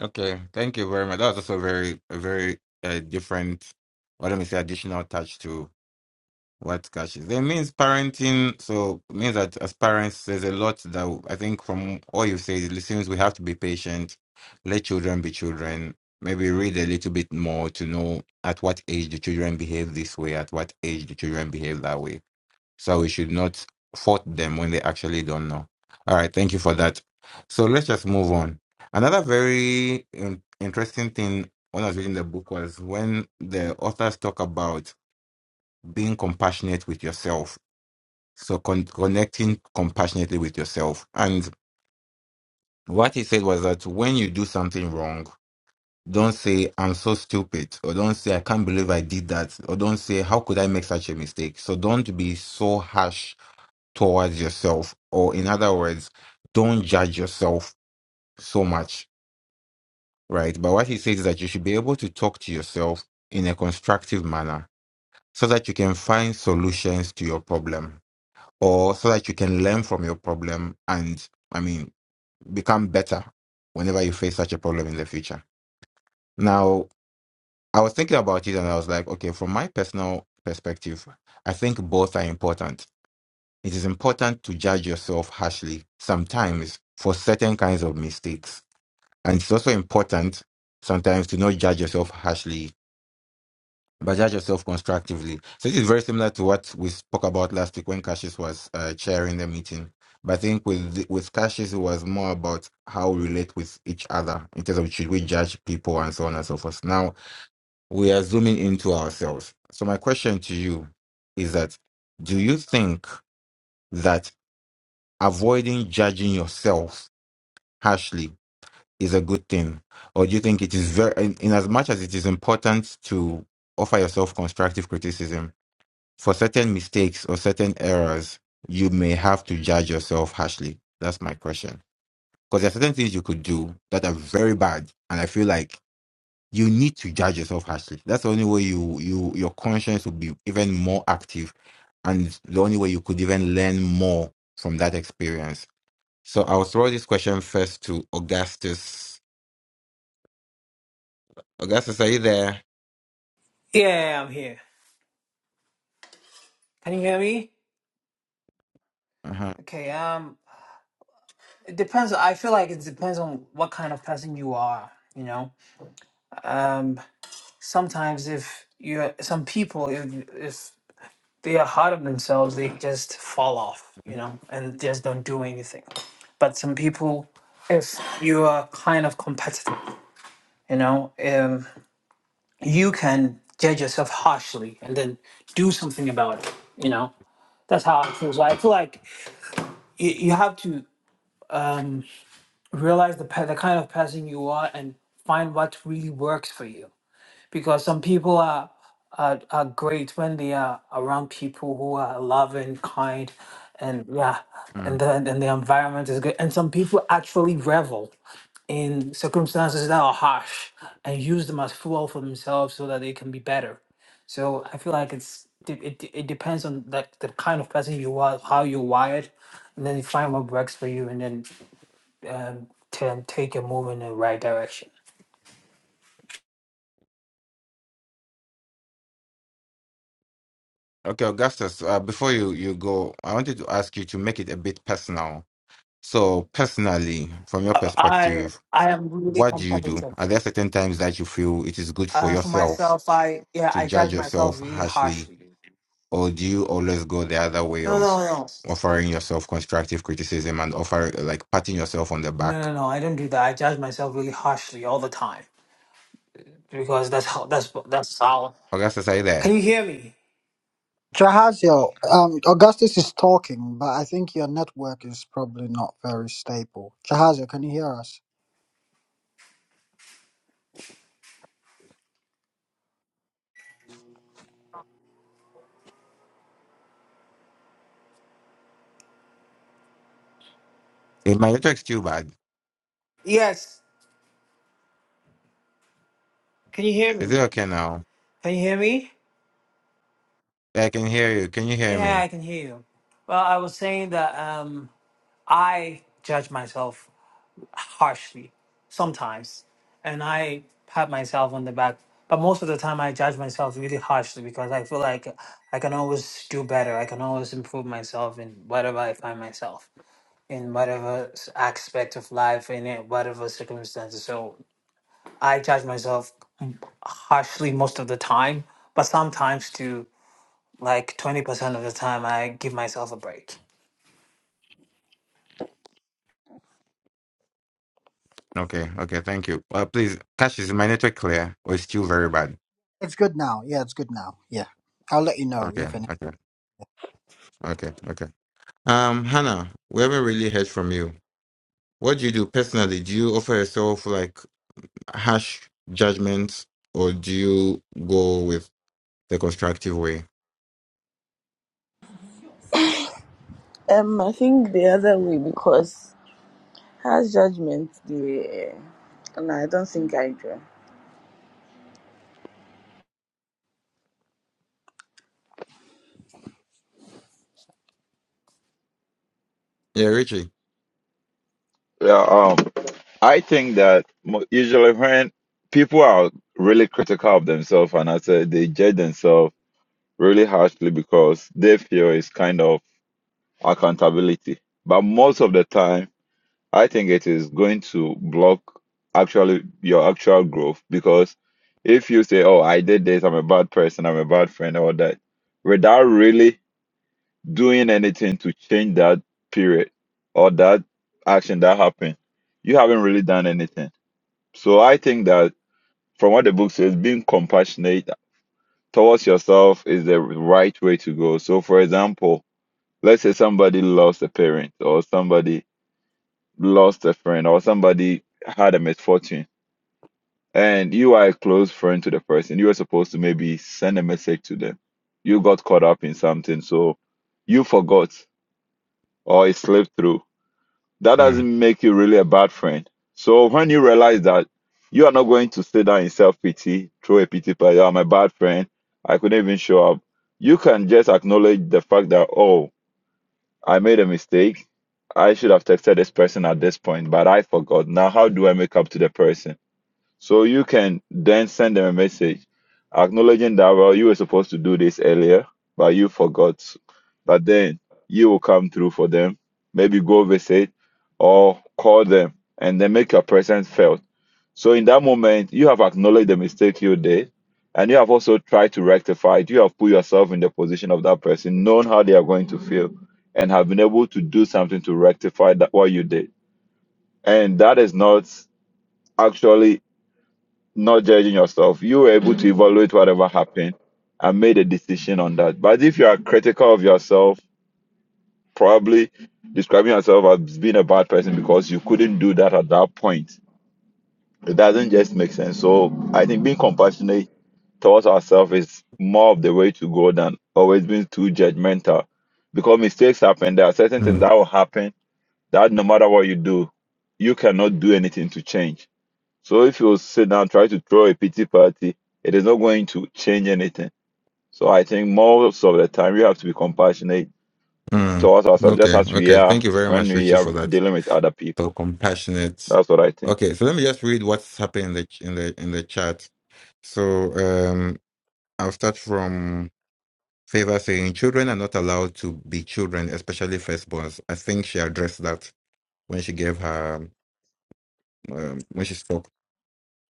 [SPEAKER 4] Okay, thank you very much. That was also very, a very uh, different, well, let me say, additional touch to what cash is. It means parenting, so it means that as parents, there's a lot that I think from all you say, it seems we have to be patient, let children be children, maybe read a little bit more to know at what age the children behave this way, at what age the children behave that way so we should not fault them when they actually don't know. All right, thank you for that. So let's just move on. Another very in- interesting thing when I was reading the book was when the authors talk about being compassionate with yourself. So con- connecting compassionately with yourself. And what he said was that when you do something wrong, don't say, I'm so stupid, or don't say, I can't believe I did that, or don't say, How could I make such a mistake? So don't be so harsh towards yourself, or in other words, don't judge yourself so much, right? But what he says is that you should be able to talk to yourself in a constructive manner so that you can find solutions to your problem or so that you can learn from your problem and, I mean, become better whenever you face such a problem in the future. Now, I was thinking about it and I was like, okay, from my personal perspective, I think both are important It is important to judge yourself harshly sometimes for certain kinds of mistakes. And it's also important sometimes to not judge yourself harshly, but judge yourself constructively. So this is very similar to what we spoke about last week when Cassius was uh, chairing the meeting. But I think with the- with Cassius, it was more about how we relate with each other in terms of should we judge people and so on and so forth. Now we are zooming into ourselves. So my question to you is that do you think that avoiding judging yourself harshly is a good thing or do you think it is very in, in as much as it is important to offer yourself constructive criticism for certain mistakes or certain errors you may have to judge yourself harshly that's my question because there are certain things you could do that are very bad and i feel like you need to judge yourself harshly that's the only way you you your conscience will be even more active and the only way you could even learn more from that experience so I'll throw this question first to Augustus. Augustus, are you there?
[SPEAKER 6] Yeah, yeah, yeah, I'm here. Can you hear me?
[SPEAKER 4] Uh-huh.
[SPEAKER 6] Okay, um it depends I feel like it depends on what kind of person you are, you know. Um sometimes if you're some people if if they are hard on themselves, they just fall off, you know, and just don't do anything. But some people if you are kind of competitive, you know, um you can judge yourself harshly and then do something about it, you know. That's how I feel. So I feel like you, you have to um, realize the pe- the kind of person you are and find what really works for you because some people are are, are great when they are around people who are loving kind and yeah
[SPEAKER 4] Mm.
[SPEAKER 6] and the, and the environment is good and some people actually revel in circumstances that are harsh and use them as fuel for themselves so that they can be better so i feel like it's it, it, it depends on like the kind of person you are how you're wired and then you find what works for you and then um, can take a move in the right direction.
[SPEAKER 4] Okay, Augustus, uh, before you, you go, I wanted to ask you to make it a bit personal. So, personally, from your
[SPEAKER 6] I
[SPEAKER 4] perspective,
[SPEAKER 6] I am really
[SPEAKER 4] what do you do?
[SPEAKER 6] competitive.
[SPEAKER 4] Are there certain times that you feel it is good for
[SPEAKER 6] Uh, for
[SPEAKER 4] yourself
[SPEAKER 6] myself, I yeah,
[SPEAKER 4] to
[SPEAKER 6] I
[SPEAKER 4] judge
[SPEAKER 6] judge myself
[SPEAKER 4] yourself
[SPEAKER 6] really
[SPEAKER 4] harshly,
[SPEAKER 6] harshly.
[SPEAKER 4] or do you always go the other way
[SPEAKER 6] No, no,
[SPEAKER 4] of
[SPEAKER 6] no,
[SPEAKER 4] offering yourself constructive criticism and offer like patting yourself on the
[SPEAKER 6] no,
[SPEAKER 4] back?
[SPEAKER 6] no, no. I don't do that. I judge myself really harshly all the time because that's how that's that's how.
[SPEAKER 4] Augustus, are you there?
[SPEAKER 6] Can you hear me?
[SPEAKER 1] Jahazio, um, Augustus is talking, but I think your network is probably not very stable. Jahazio, can you hear us?
[SPEAKER 4] Is my network's too bad?
[SPEAKER 6] Yes. Can you hear
[SPEAKER 4] Is
[SPEAKER 6] me?
[SPEAKER 4] it okay now?
[SPEAKER 6] Can you hear me?
[SPEAKER 4] I can hear you. Can you hear
[SPEAKER 6] Yeah,
[SPEAKER 4] me?
[SPEAKER 6] I can hear you. Well, I was saying that um, I judge myself harshly sometimes. And I pat myself on the back. But most of the time, I judge myself really harshly because I feel like I can always do better. I can always improve myself in whatever I find myself in whatever s- aspect of life in it, whatever circumstances. So I judge myself harshly most of the time, but sometimes to like 20% of the time, I give myself a break.
[SPEAKER 4] Okay, okay, thank you. Uh, please, Cash, is my network clear or it's still very bad?
[SPEAKER 1] It's good now. Yeah, it's good now. Yeah. I'll let you know
[SPEAKER 4] Okay,
[SPEAKER 1] if any.
[SPEAKER 4] okay, okay, okay. Um, Hannah, we haven't really heard from you. What do you do personally? Do you offer yourself like harsh judgments or do you go with the constructive way?
[SPEAKER 3] Um, I think the other way because has judgment. The no, I don't think I do.
[SPEAKER 4] Yeah, Richie.
[SPEAKER 7] Yeah, um, I think that mo- usually when people are really critical of themselves, and I say they judge themselves really harshly because they feel it's kind of accountability. But most of the time, I think it is going to block actually your actual growth because if you say, "Oh, I did this. I'm a bad person. I'm a bad friend," or that, without really doing anything to change that period or that action that happened, you haven't really done anything. So I think that from what the book says, being compassionate towards yourself is the right way to go. So, for example, let's say somebody lost a parent or somebody lost a friend or somebody had a misfortune and you are a close friend to the person. You were supposed to maybe send a message to them. You got caught up in something, so you forgot or it slipped through that
[SPEAKER 4] Mm,
[SPEAKER 7] doesn't make you really a bad friend. So when you realize that you are not going to sit down in self pity, throw a pity party, "Oh, I'm a bad friend, I couldn't even show up. You can just acknowledge the fact that, oh, I made a mistake. I should have texted this person at this point, but I forgot. Now, how do I make up to the person? So you can then send them a message acknowledging that, well, you were supposed to do this earlier, but you forgot. But then you will come through for them, maybe go visit or call them and then make your presence felt. So in that moment, you have acknowledged the mistake you did and you have also tried to rectify it. You have put yourself in the position of that person, known how they are going to feel and have been able to do something to rectify that what you did. And that is not actually not judging yourself. You were able to evaluate whatever happened and made a decision on that. But if you are critical of yourself, probably describing yourself as being a bad person because you couldn't do that at that point, it doesn't just make sense. So I think being compassionate towards ourselves is more of the way to go than always being too judgmental because mistakes happen. There are certain things
[SPEAKER 4] mm,
[SPEAKER 7] that will happen that no matter what you do, you cannot do anything to change. So if you sit down, try to throw a pity party, it is not going to change anything. So I think most of the time we have to be compassionate
[SPEAKER 4] mm.
[SPEAKER 7] towards ourselves, just
[SPEAKER 4] Okay,
[SPEAKER 7] as we
[SPEAKER 4] okay.
[SPEAKER 7] are
[SPEAKER 4] Thank you very
[SPEAKER 7] when
[SPEAKER 4] much,
[SPEAKER 7] we
[SPEAKER 4] Richie,
[SPEAKER 7] are
[SPEAKER 4] for that.
[SPEAKER 7] dealing with other
[SPEAKER 4] So
[SPEAKER 7] people.
[SPEAKER 4] compassionate.
[SPEAKER 7] That's what I think.
[SPEAKER 4] Okay, so let me just read what's happening in the in the in the chat. So, um, I'll start from Favor saying children are not allowed to be children, especially firstborns. I think she addressed that when she gave her, um, when she spoke.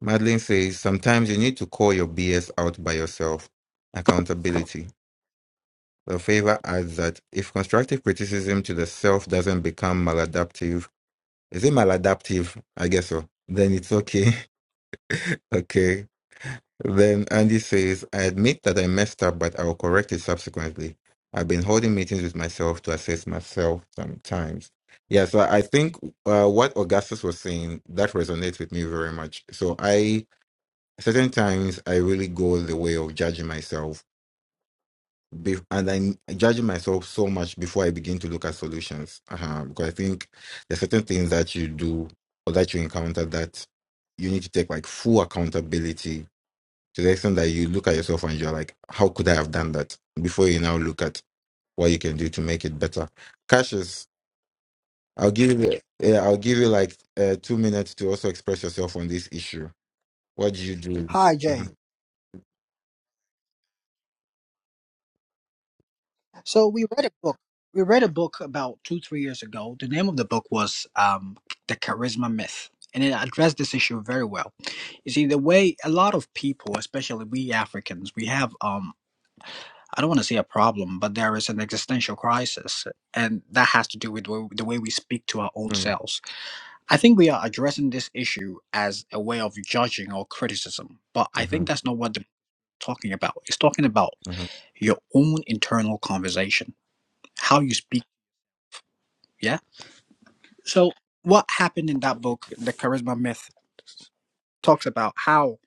[SPEAKER 4] Madeline says, sometimes you need to call your BS out by yourself. Accountability. Well, Favor adds that if constructive criticism to the self doesn't become maladaptive, is it maladaptive? I guess so. Then it's okay. okay. Then Andy says, I admit that I messed up, but I will correct it subsequently. I've been holding meetings with myself to assess myself sometimes. Yeah, so I think uh, what Augustus was saying, that resonates with me very much. So I, certain times, I really go the way of judging myself. Be- and I'm judging myself so much before I begin to look at solutions. Uh-huh. Because I think there's certain things that you do or that you encounter that you need to take like full accountability to the extent that you look at yourself and you're like, how could I have done that? Before you now look at what you can do to make it better. Cassius, I'll give you, yeah, I'll give you like uh, two minutes to also express yourself on this issue. What do you do?
[SPEAKER 1] Hi, Jay.
[SPEAKER 4] Mhm.
[SPEAKER 1] So we read a book. We read a book about two, three years ago. The name of the book was um, The Charisma Myth, and it addressed this issue very well. You see, the way a lot of people, especially we Africans, we have, um, I don't want to say a problem, but there is an existential crisis, and that has to do with the the way we speak to our own
[SPEAKER 4] Mm,
[SPEAKER 1] selves. I think we are addressing this issue as a way of judging or criticism, but I think
[SPEAKER 4] mhm,
[SPEAKER 1] that's not what the talking about. It's talking about
[SPEAKER 4] mhm,
[SPEAKER 1] your own internal conversation, how you speak. Yeah. So what happened in that book, The Charisma Myth, talks about how.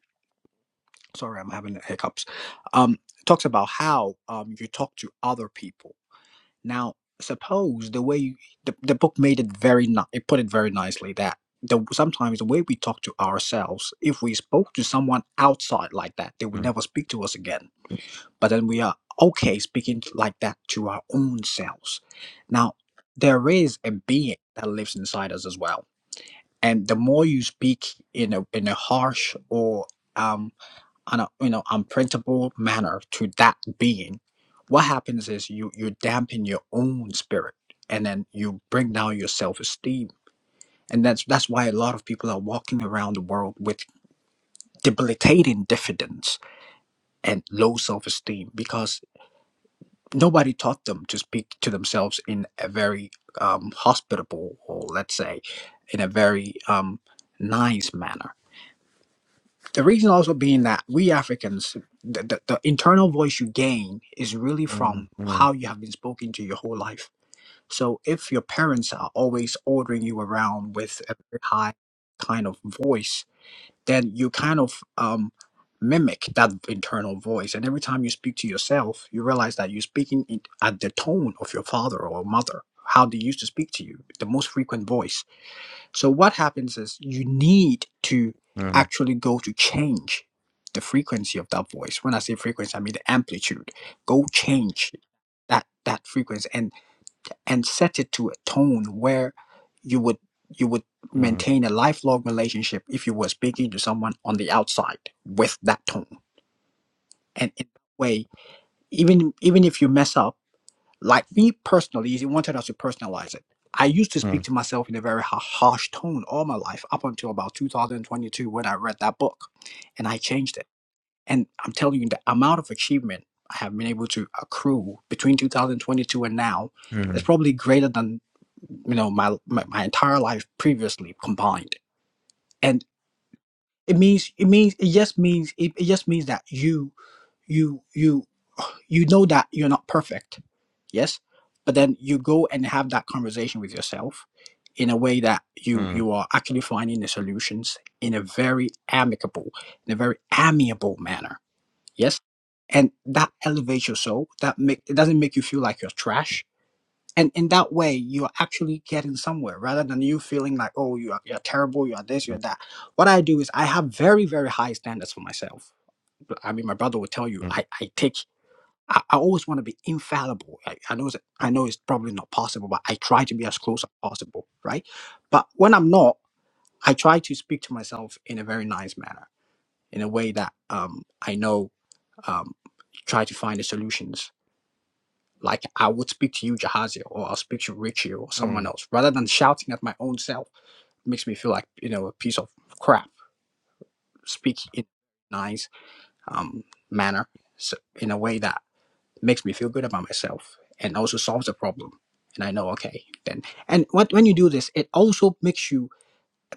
[SPEAKER 1] Sorry, I'm having hiccups. Um, talks about how um you talk to other people. Now, suppose the way you, the the book made it very ni- it put it very nicely that. The, sometimes the way we talk to ourselves, if we spoke to someone outside like that, they would
[SPEAKER 4] mm,
[SPEAKER 1] never speak to us again but then we are okay speaking like that to our own selves. Now, there is a being that lives inside us as well, and the more you speak in a in a harsh or um on a, you know unprintable manner to that being, what happens is you you dampen your own spirit. then you bring down your self-esteem, and that's that's why a lot of people are walking around the world with debilitating diffidence and low self-esteem because nobody taught them to speak to themselves in a very um, hospitable or let's say a very nice manner the reasons from
[SPEAKER 4] mm,
[SPEAKER 1] his belief eyes um, mimic that internal voice you speak you speak at the tone of your father you voice so what happens is you need to
[SPEAKER 4] mm, mm,
[SPEAKER 1] actually go to change the frequency of that voice when i say frequency i mean the amplitude go change that that frequency and. and set it to a tone where you would you would maintain a lifelong relationship if you were speaking to someone on the outside with that tone and in that way even even if you mess up like me personally he wanted us to personalize it i used to speak
[SPEAKER 4] mm,
[SPEAKER 1] to myself in a very ha- harsh tone all my life up until about 2022 when i read that book and i changed it and I'm telling you, the amount of achievement I have been able to accrue between 2022 and now
[SPEAKER 4] mm, mm,
[SPEAKER 1] is probably greater than you know my my, my entire life previously combined. And it means it means it just means it, it just means that you you you you know that you're not perfect. Yes, but then you go and have that conversation with yourself in a way that you
[SPEAKER 4] mm,
[SPEAKER 1] you are actually finding the solutions in a very amicable in a very amiable manner Yes. And that elevates your soul. That make it doesn't make you feel like you're trash. And in that way, you're actually getting somewhere rather than you feeling like, oh, you are you're terrible, you are this, you're
[SPEAKER 4] mm,
[SPEAKER 1] that. What I do is I have very, very high standards for myself. I mean, my brother will tell you,
[SPEAKER 4] mm,
[SPEAKER 1] I, I take I, I always want to be infallible. I, I know it's, I know it's probably not possible, but I try to be as close as possible, right? But when I'm not, I try to speak to myself in a very nice manner, in a way that um I know um, try to find the solutions. Like I would speak to you, Jahaziel, or I'll speak to Richie or someone
[SPEAKER 4] mm,
[SPEAKER 1] else, rather than shouting at my own self. It makes me feel like you know a piece of crap. Speak in a nice um, manner, so in a way that makes me feel good about myself, and also solves the problem. And I know, okay, then. And what when you do this, it also makes you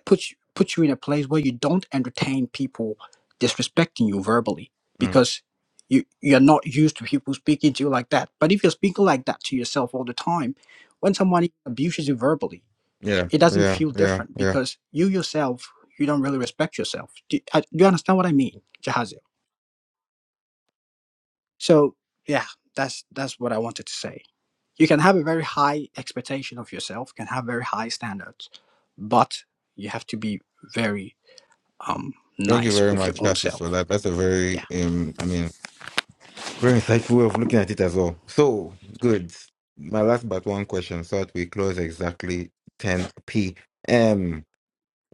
[SPEAKER 1] put you, put you in a place where you don't entertain people disrespecting you verbally
[SPEAKER 4] mm,
[SPEAKER 1] because you you're not used to people speaking to you like that. But if you're speaking like that to yourself all the time, when somebody abuses you verbally,
[SPEAKER 4] Yeah,
[SPEAKER 1] it doesn't
[SPEAKER 4] yeah,
[SPEAKER 1] feel
[SPEAKER 4] yeah,
[SPEAKER 1] different
[SPEAKER 4] yeah.
[SPEAKER 1] because you yourself you don't really respect yourself. Do, uh, do you understand what I mean, Jahazil? So yeah, that's that's what I wanted to say. You can have a very high expectation of yourself, can have very high standards, but you have to be very um
[SPEAKER 4] Thank you
[SPEAKER 1] nice
[SPEAKER 4] very
[SPEAKER 1] with your
[SPEAKER 4] much,
[SPEAKER 1] own self.
[SPEAKER 4] Cassius, for that. That's a very, um, I mean, very insightful way of looking at it as well. So good. My last but one question, so that we close exactly 10 p.m.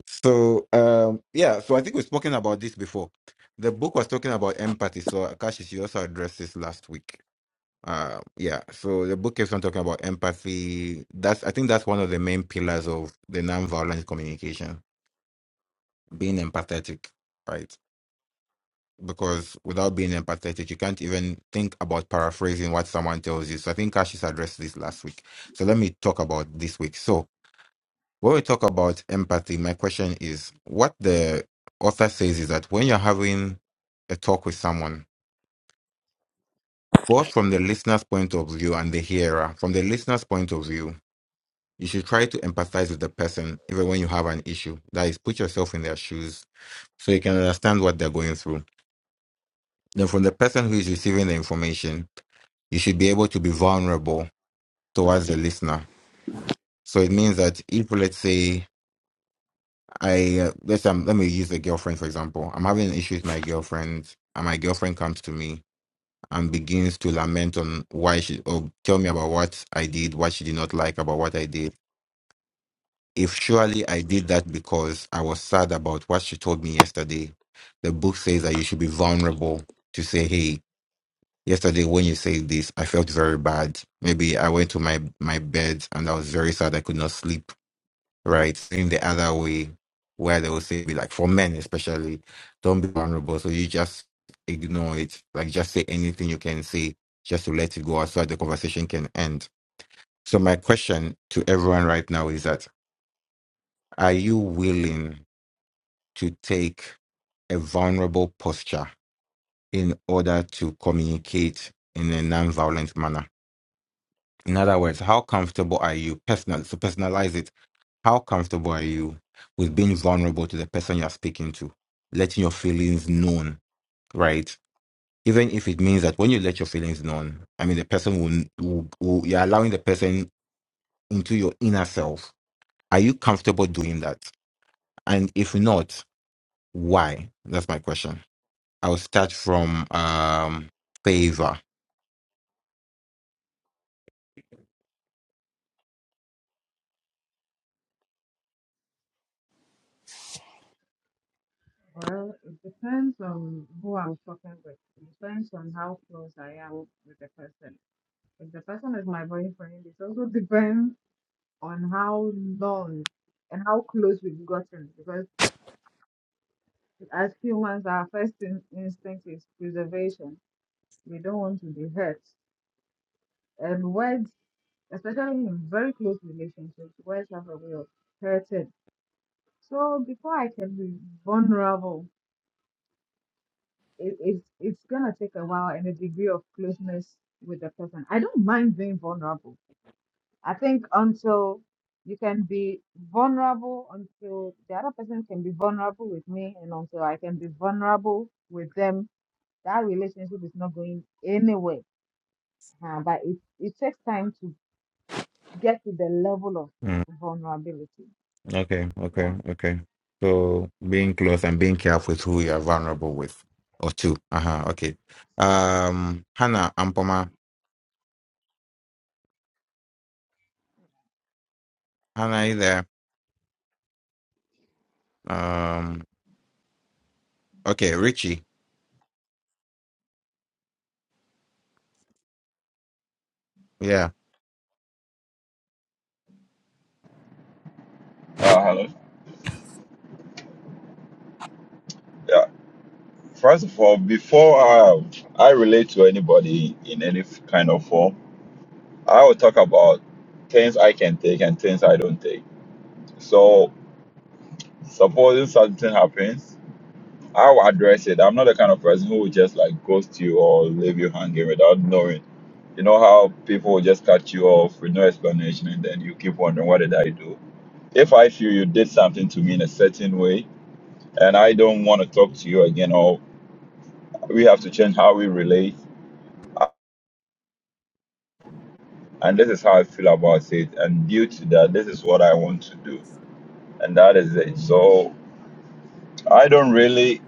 [SPEAKER 4] So, um, yeah. So I think we've spoken about this before. The book was talking about empathy. So Cassius, you also addressed this last week. Uh, yeah. So the book keeps on talking about empathy. That's I think that's one of the main pillars of the nonviolent communication, being empathetic, right? because without being empathetic, you can't even think about paraphrasing what someone tells you. So I think Cassius addressed this last week. So let me talk about this week. So when we talk about empathy, my question is what the author says is that when you're having a talk with someone, both from the listener's point of view and the hearer, from the listener's point of view, you should try to empathize with the person even when you have an issue. That is, put yourself in their shoes so you can understand what they're going through. Then, from the person who is receiving the information, you should be able to be vulnerable towards the listener. So it means that if, let's say, I uh, let's um, let me use a girlfriend for example. I'm having an issue with my girlfriend, and my girlfriend comes to me and begins to lament on why she or tell me about what I did, what she did not like about what I did. If surely I did that because I was sad about what she told me yesterday, the book says that you should be vulnerable to say, "Hey, Yesterday, when you said this, I felt very bad. Maybe I went to my my bed and I was very sad. I could not sleep. Right? In the other way, where they will say, be like for men especially, don't be vulnerable. So you just ignore it. Like just say anything you can say, just to let it go, out so that the conversation can end. So my question to everyone right now is that: Are you willing to take a vulnerable posture in order to communicate in a non-violent manner? In other words, how comfortable are you personal? So personalize it. How comfortable are you with being vulnerable to the person you're speaking to, letting your feelings known, right? Even if it means that when you let your feelings known, I mean, the person will, will, will you're allowing the person into your inner self. Are you comfortable doing that? And if not, why? That's my question. I'll start from um favor.
[SPEAKER 5] Well, it depends on who I'm talking with. It depends on how close I am with the person. If the person is my boyfriend, it also depends on how long and how close we've gotten. Because As humans, our first in- instinct is preservation. We don't want to be hurt. And words, especially in very close relationships, words have a way of hurting. So before I can be vulnerable, it, it's it's gonna take a while and a degree of closeness with the person. I don't mind being vulnerable. I think until you can be vulnerable until the other person can be vulnerable with me and until I can be vulnerable with them that relationship is not going anywhere. Uh, but it, it takes time to get to the level of
[SPEAKER 4] Hmm.
[SPEAKER 5] vulnerability.
[SPEAKER 4] Okay,
[SPEAKER 5] Yeah.
[SPEAKER 4] okay, okay. So being close and being careful with who you are vulnerable with or to. Uh-huh, okay. Um, Hannah Ampoma. Hannah, are you there? Um, okay, Richie. Yeah.
[SPEAKER 7] Uh, hello. Yeah. First of all, before I, I relate to anybody in any f- kind of form, I will talk about things I can take and things I don't take. So, supposing something happens How I address it, I'm not the kind of person who would just like ghost you or leave you hanging without knowing. You know how people will just cut you off with no explanation and then you keep wondering, what did I do? If I feel you did something to me in a certain way and I don't want to talk to you again or we have to change how we relate, and this is how I feel about it. And due to that, this is what I want to do, and that is it. So I don't really.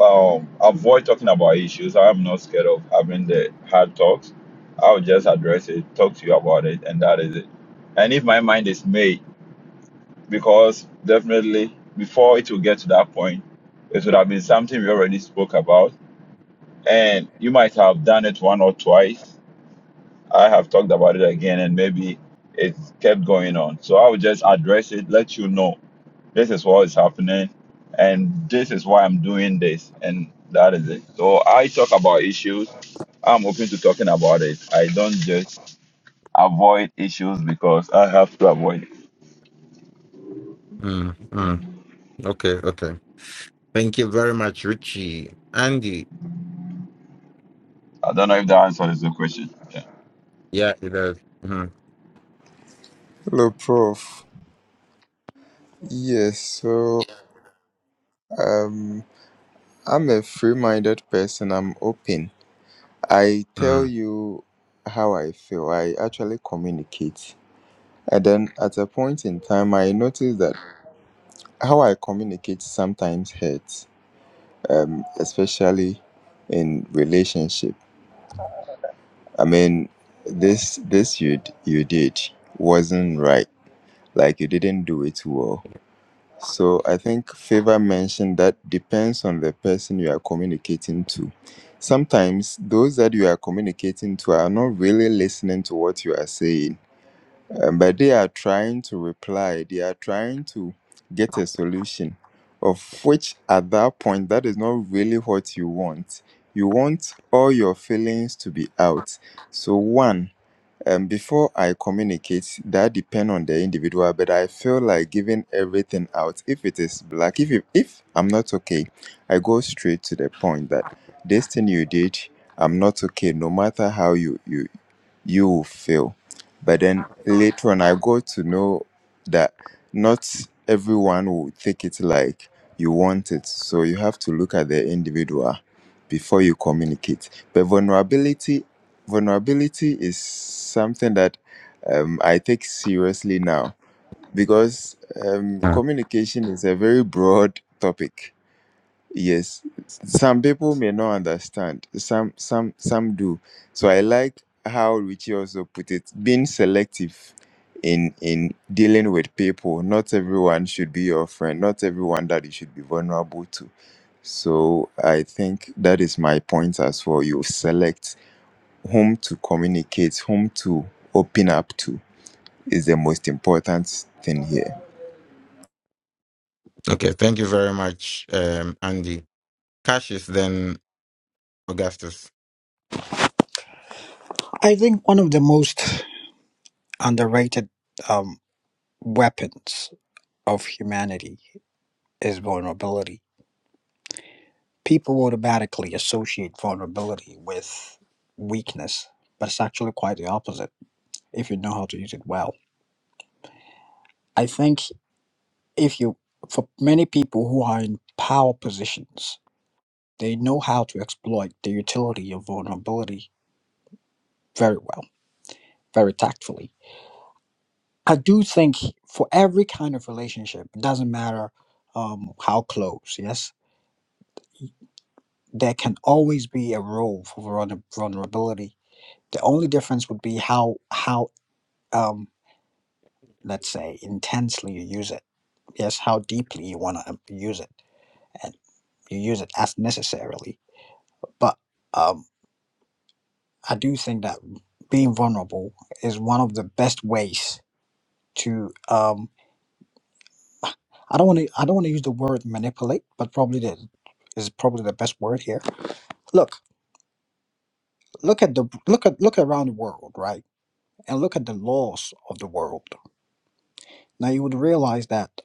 [SPEAKER 7] um, avoid talking about issues. I'm not scared of having the hard talks. I'll just address it, talk to you about it, and that is it. And if my mind is made, because definitely before it will get to that point, it would have been something we already spoke about, and you might have done it one or twice. I have talked about it again, and maybe it kept going on. So I will just address it, let you know this is what is happening, and this is why I'm doing this, and that is it. So I talk about issues. I'm open to talking about it. I don't just avoid issues because I have to avoid it.
[SPEAKER 4] Mm, mm, okay, okay. Thank you very much, Richie. Andy.
[SPEAKER 7] I don't know if that answers the question. Yeah.
[SPEAKER 4] Yeah, it does. Mm,
[SPEAKER 2] Hello, Prof. Yes, so um, I'm a free-minded person. I'm open. I tell
[SPEAKER 4] mm.
[SPEAKER 2] you how I feel. I actually communicate, and then at a point in time, I noticed that how I communicate sometimes hurts, um, especially in relationship. I mean, this this you d- you did wasn't right like you didn't do it well. So I think favor mentioned that depends on the person you are communicating to. Sometimes those that you are communicating to are not really listening to what you are saying, um, but they are trying to reply, they are trying to get a solution, of which at that point, that is not really what you want. You want all your feelings to be out. So, one, um, before I communicate, that depend on the individual, but I feel like giving everything out. If it is black, if it, if I'm not okay, I go straight to the point that this thing you did, I'm not okay. No matter how you you you will feel, but then later on, I go to know that not everyone will take it like you want it. So you have to look at the individual before you communicate. But vulnerability vulnerability is something that um, I take seriously now because um,
[SPEAKER 4] Mm.
[SPEAKER 2] communication is a very broad topic. Yes, some people may not understand. Some, some, some do. So I like how Richie also put it: being selective in in dealing with people. Not everyone should be your friend. Not everyone that you should be vulnerable to. So I think that is my point as well. You select whom to communicate, whom to open up to is the most important thing here.
[SPEAKER 4] Okay, thank you very much, um, Andy. Cassius, then Augustus.
[SPEAKER 1] I think one of the most underrated um, weapons of humanity is vulnerability. People automatically associate vulnerability with weakness, but it's actually quite the opposite if you know how to use it well. I think if you, for many people who are in power positions, they know how to exploit the utility of vulnerability very well, very tactfully I do think for every kind of relationship, it doesn't matter um, how close, yes, there can always be a role for vulner- vulnerability. The only difference would be how how um, let's say intensely you use it, yes, how deeply you want to use it, and you use it as necessarily. But um, I do think that being vulnerable is one of the best ways to um, I don't want to I don't want to use the word manipulate, but probably that is probably the best word here. Look, look at the look at look around the world, right? And look at the laws of the world. Now you would realize that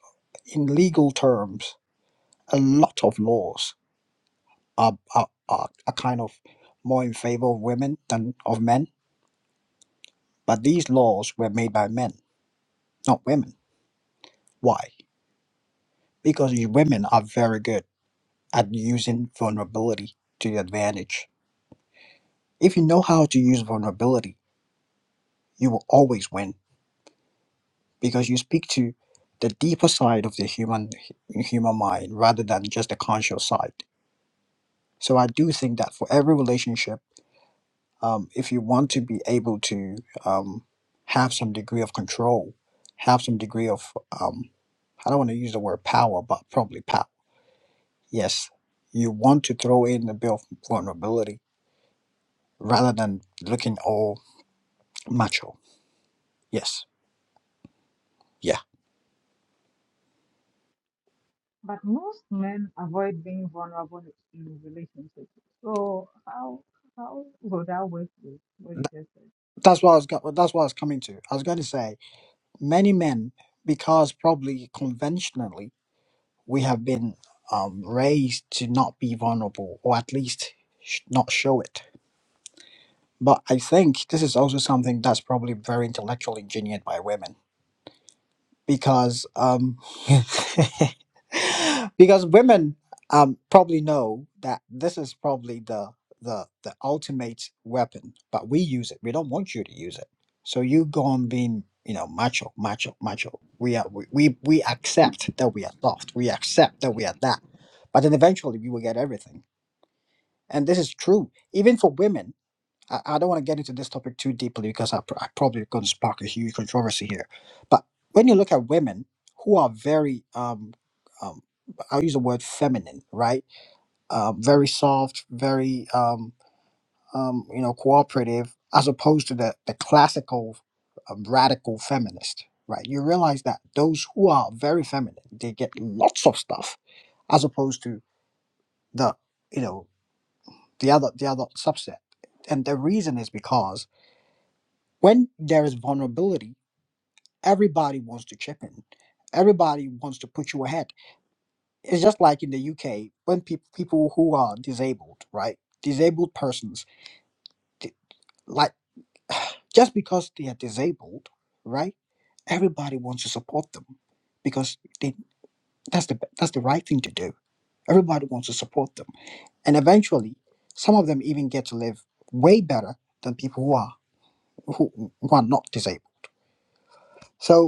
[SPEAKER 1] in legal terms, a lot of laws are are, are, are kind of more in favor of women than of men. But these laws were made by men, not women. Why? Because you- women are very good at using vulnerability to your advantage. If you know how to use vulnerability you will always win because you speak to the deeper side of the human human mind rather than just the conscious side. So I do think that for every relationship, um, if you want to be able to um, have some degree of control, have some degree of um, I don't want to use the word power, but probably power. Yes, you want to throw in a bit of vulnerability rather than looking all macho. Yes, yeah.
[SPEAKER 5] But most men avoid being vulnerable in relationships. So how how would that work with what you just said?
[SPEAKER 1] That's what I was. Go- that's what I was coming to. I was going to say Many men, because probably conventionally we have been um, raised to not be vulnerable or at least sh- not show it. But I think this is also something that's probably very intellectually engineered by women because um, because women um, probably know that this is probably the the the ultimate weapon, but we use it. We don't want you to use it. So you go on being you know macho, macho, macho. We are we we, we accept that we are soft. We accept that we are that, but then eventually we will get everything. And this is true even for women I, I don't want to get into this topic too deeply because I, pr- I probably going to spark a huge controversy here. But when you look at women who are very, um, um, I'll use the word feminine, right? Um, very soft, very, um, um, you know, cooperative, as opposed to the, the classical um, radical feminist, right? You realize that those who are very feminine, they get lots of stuff as opposed to the, you know, the other, the other subset. And the reason is because When there is vulnerability, everybody wants to chip in. Everybody wants to put you ahead. It's just like in the UK when people people who are disabled, right? Disabled persons, di- like just because they are disabled, right? Everybody wants to support them because they, that's the that's the right thing to do. Everybody wants to support them, and eventually, some of them even get to live way better than people who are who, who are not disabled. So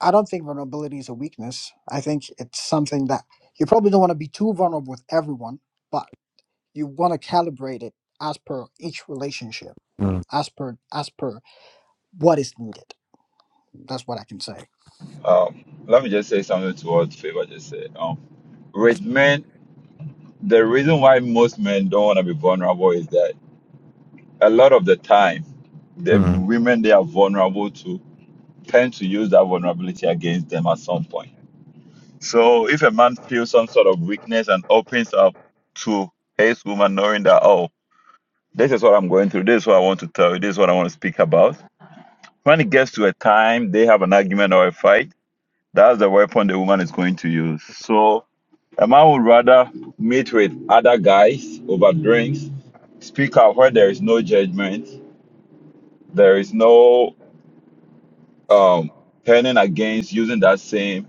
[SPEAKER 1] I don't think vulnerability is a weakness. I think it's something that you probably don't want to be too vulnerable with everyone, but you want to calibrate it as per each relationship,
[SPEAKER 4] Mm,
[SPEAKER 1] as per as per what is needed. That's what I can say.
[SPEAKER 7] Um, let me just say something to what Favor just said. Um, with men, the reason why most men don't want to be vulnerable is that a lot of the time, the
[SPEAKER 4] mm,
[SPEAKER 7] women they are vulnerable to tend to use that vulnerability against them at some point So if a man feels some sort of weakness and opens up to his woman, knowing that, oh, this is what I'm going through, this is what I want to tell you, this is what I want to speak about. When it gets to a time they have an argument or a fight, that's the weapon the woman is going to use. So a man would rather meet with other guys over drinks, speak out where there is no judgment, there is no um, turning against using that same.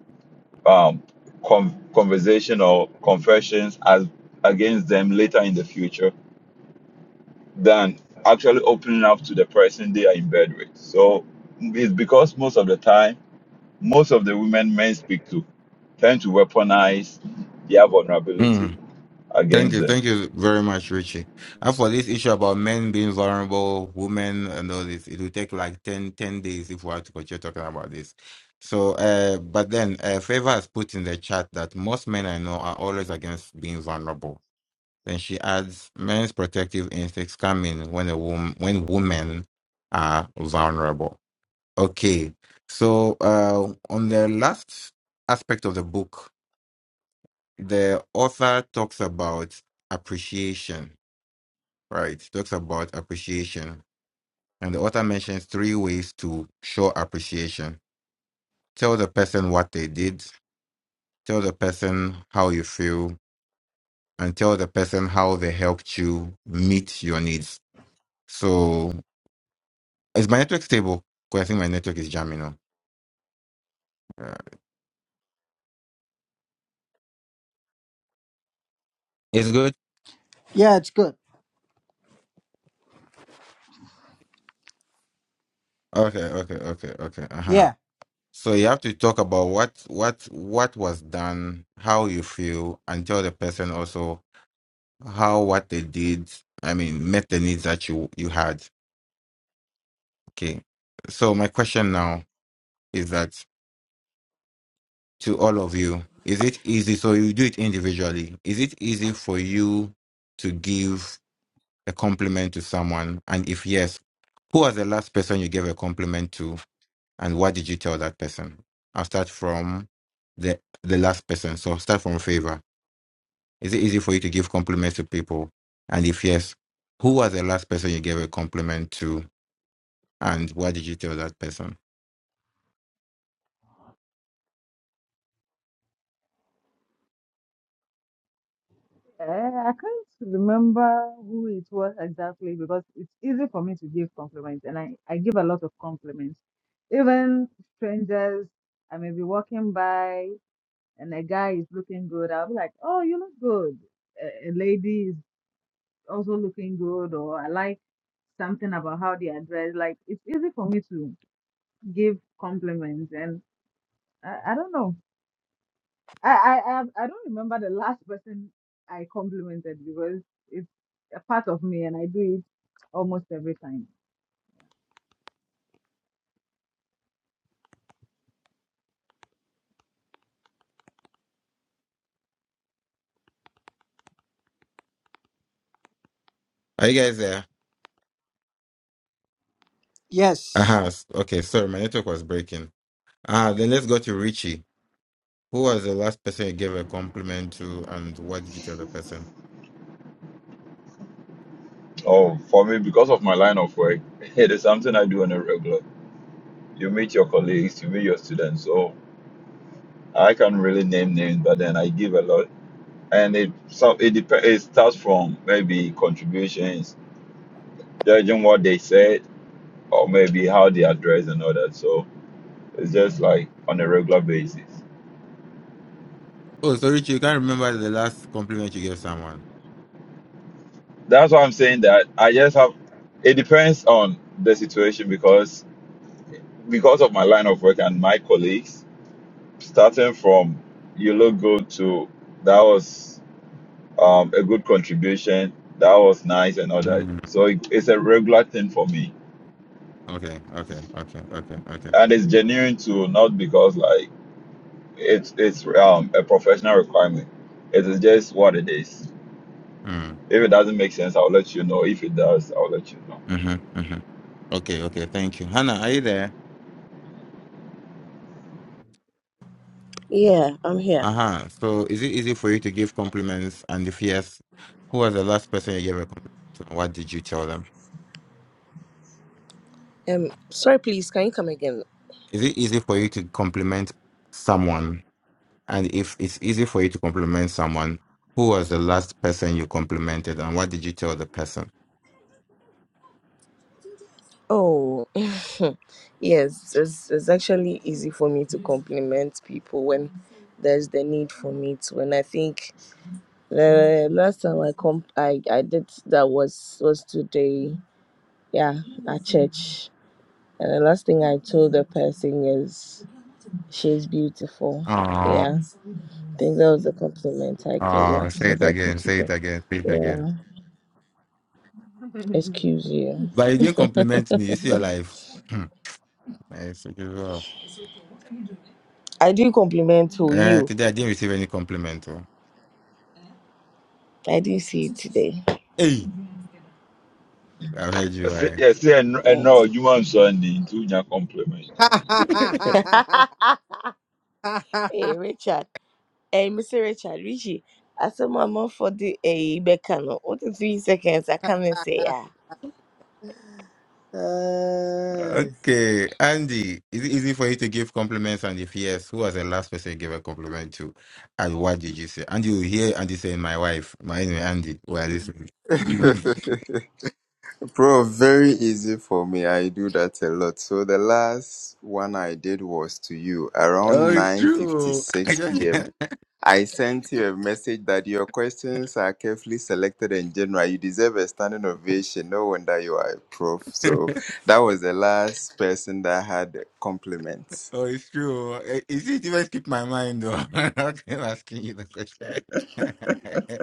[SPEAKER 7] um, con- conversation or confessions as against them later in the future than actually opening up to the person they are in bed with. So it's because most of the time, most of the women men speak to tend to weaponize their
[SPEAKER 4] mm.
[SPEAKER 7] vulnerability
[SPEAKER 4] Thank
[SPEAKER 7] against
[SPEAKER 4] you,
[SPEAKER 7] them.
[SPEAKER 4] thank you very much, Richie. And for this issue about men being vulnerable, women and all this, it will take like 10, 10 days if we are to continue talking about this. So, uh, but then uh, Favor has put in the chat that most men I know are always against being vulnerable. Then she adds, men's protective instincts come in when a woman, when women are vulnerable. Okay, so uh, on the last aspect of the book, the author talks about appreciation right? It Talks about appreciation. And the author mentions three ways to show appreciation tell the person what they did, tell the person how you feel, and tell the person how they helped you meet your needs. So, is my network stable? 'Cause I think my network is jamming now. It's good.
[SPEAKER 1] Yeah, it's good.
[SPEAKER 4] Okay, okay, okay, okay. Uh huh.
[SPEAKER 1] Yeah.
[SPEAKER 4] So you have to talk about what what what was done, how you feel, and tell the person also how what they did. I mean, met the needs that you you had. Okay. So my question now is that to all of you, is it easy? So you do it individually. Is it easy for you to give a compliment to someone? And if yes, who was the last person you gave a compliment to, and what did you tell that person? I'll start from the the last person. So start from favor. Is it easy for you to give compliments to people? And if yes, who was the last person you gave a compliment to, and what did you tell that person?
[SPEAKER 5] Uh, I can't remember who it was exactly because it's easy for me to give compliments and I, I give a lot of compliments. Even strangers, I may be walking by and a guy is looking good, I'll be like, oh, you look good. A, a lady is also looking good, or I like something about how they are dressed. Like, it's easy for me to give compliments, and I, I don't know. I, I, I I don't remember the last person I complimented because it's a part of me, and I do it almost every time.
[SPEAKER 4] Are you guys there?
[SPEAKER 1] Yes.
[SPEAKER 4] Uh-huh. s- Okay, sorry, my network was breaking. Uh, then let's go to Richie. Who was the last person you gave a compliment to, and what did you tell the person?
[SPEAKER 7] Oh, for me, because of my line of work, it is something I do on a regular. You meet your colleagues, you meet your students. So I can really name names, but then I give a lot. and it so it depends. It starts from maybe contributions, judging what they said, or maybe how they address and all that. So it's just like on a regular basis.
[SPEAKER 4] Oh, so Richie, you can't remember the last compliment you gave someone.
[SPEAKER 7] That's why I'm saying that I just have. It depends on the situation because because of my line of work and my colleagues, starting from you look good to that was um, a good contribution. That was nice and all that.
[SPEAKER 4] Mm.
[SPEAKER 7] So it, it's a regular thing for me,
[SPEAKER 4] Okay, okay, okay, okay, okay.
[SPEAKER 7] and it's genuine too, not because like It's it's um a professional requirement. It is just what it is.
[SPEAKER 4] Mm.
[SPEAKER 7] If it doesn't make sense, I'll let you know. If it does, I'll let you know.
[SPEAKER 4] Mm-hmm, mm-hmm. Okay, okay, thank you. Hannah, are you there?
[SPEAKER 3] Yeah, I'm here.
[SPEAKER 4] Uh-huh. So is it easy for you to give compliments? And if yes, who was the last person you gave a compliment to, and what did you tell them?
[SPEAKER 3] Um, sorry, please, can you come again?
[SPEAKER 4] Is it easy for you to compliment someone? And if it's easy for you to compliment someone, who was the last person you complimented and what did you tell the person?
[SPEAKER 3] Oh, yes, it's, it's actually easy for me to compliment people when there's the need for me to. And I think Uh, last time I comp I, I did that was was today. Yeah, at church. And the last thing I told the person is she's beautiful.
[SPEAKER 4] Oh,
[SPEAKER 3] Yeah. I think that was the compliment I gave. Yeah,
[SPEAKER 4] oh,
[SPEAKER 3] she's
[SPEAKER 4] say
[SPEAKER 3] a
[SPEAKER 4] it
[SPEAKER 3] very
[SPEAKER 4] again,
[SPEAKER 3] pretty
[SPEAKER 4] say it
[SPEAKER 3] girl.
[SPEAKER 4] again, say it again.
[SPEAKER 3] Yeah. Excuse you.
[SPEAKER 4] But you didn't compliment me. You see your
[SPEAKER 5] I
[SPEAKER 4] life. Hmm. Eh, so you go.
[SPEAKER 3] I do compliment to
[SPEAKER 4] Eh,
[SPEAKER 3] you.
[SPEAKER 4] today I didn't receive any compliment. oh.
[SPEAKER 3] I do see it today.
[SPEAKER 4] Hey, I heard
[SPEAKER 7] I
[SPEAKER 4] you.
[SPEAKER 7] say,
[SPEAKER 4] right.
[SPEAKER 7] I say, I
[SPEAKER 3] Mm.
[SPEAKER 7] know you want something to your compliment.
[SPEAKER 3] Hey Richard. Hey Mr. Richard, Richie. I saw my mom for the a becano. What in three seconds I come and say yeah.
[SPEAKER 1] Uh,
[SPEAKER 4] Okay, Andy, is it easy for you to give compliments? And if yes, who was the last person you gave a compliment to? And what did you say? And you hear Andy saying, My wife, my name is Andy, we are listening.
[SPEAKER 2] Bro, very easy for me. I do that a lot. So the last one I did was to you
[SPEAKER 4] oh,
[SPEAKER 2] around
[SPEAKER 4] it's true. I
[SPEAKER 2] 9:56
[SPEAKER 4] just,
[SPEAKER 2] p.m. I sent you a message that your questions are carefully selected and general. You deserve a standing ovation. No wonder you are a prof. So that was the last person that had compliments.
[SPEAKER 4] oh, it's true. Eh, Is it even keep my mind though? I'm asking you the question.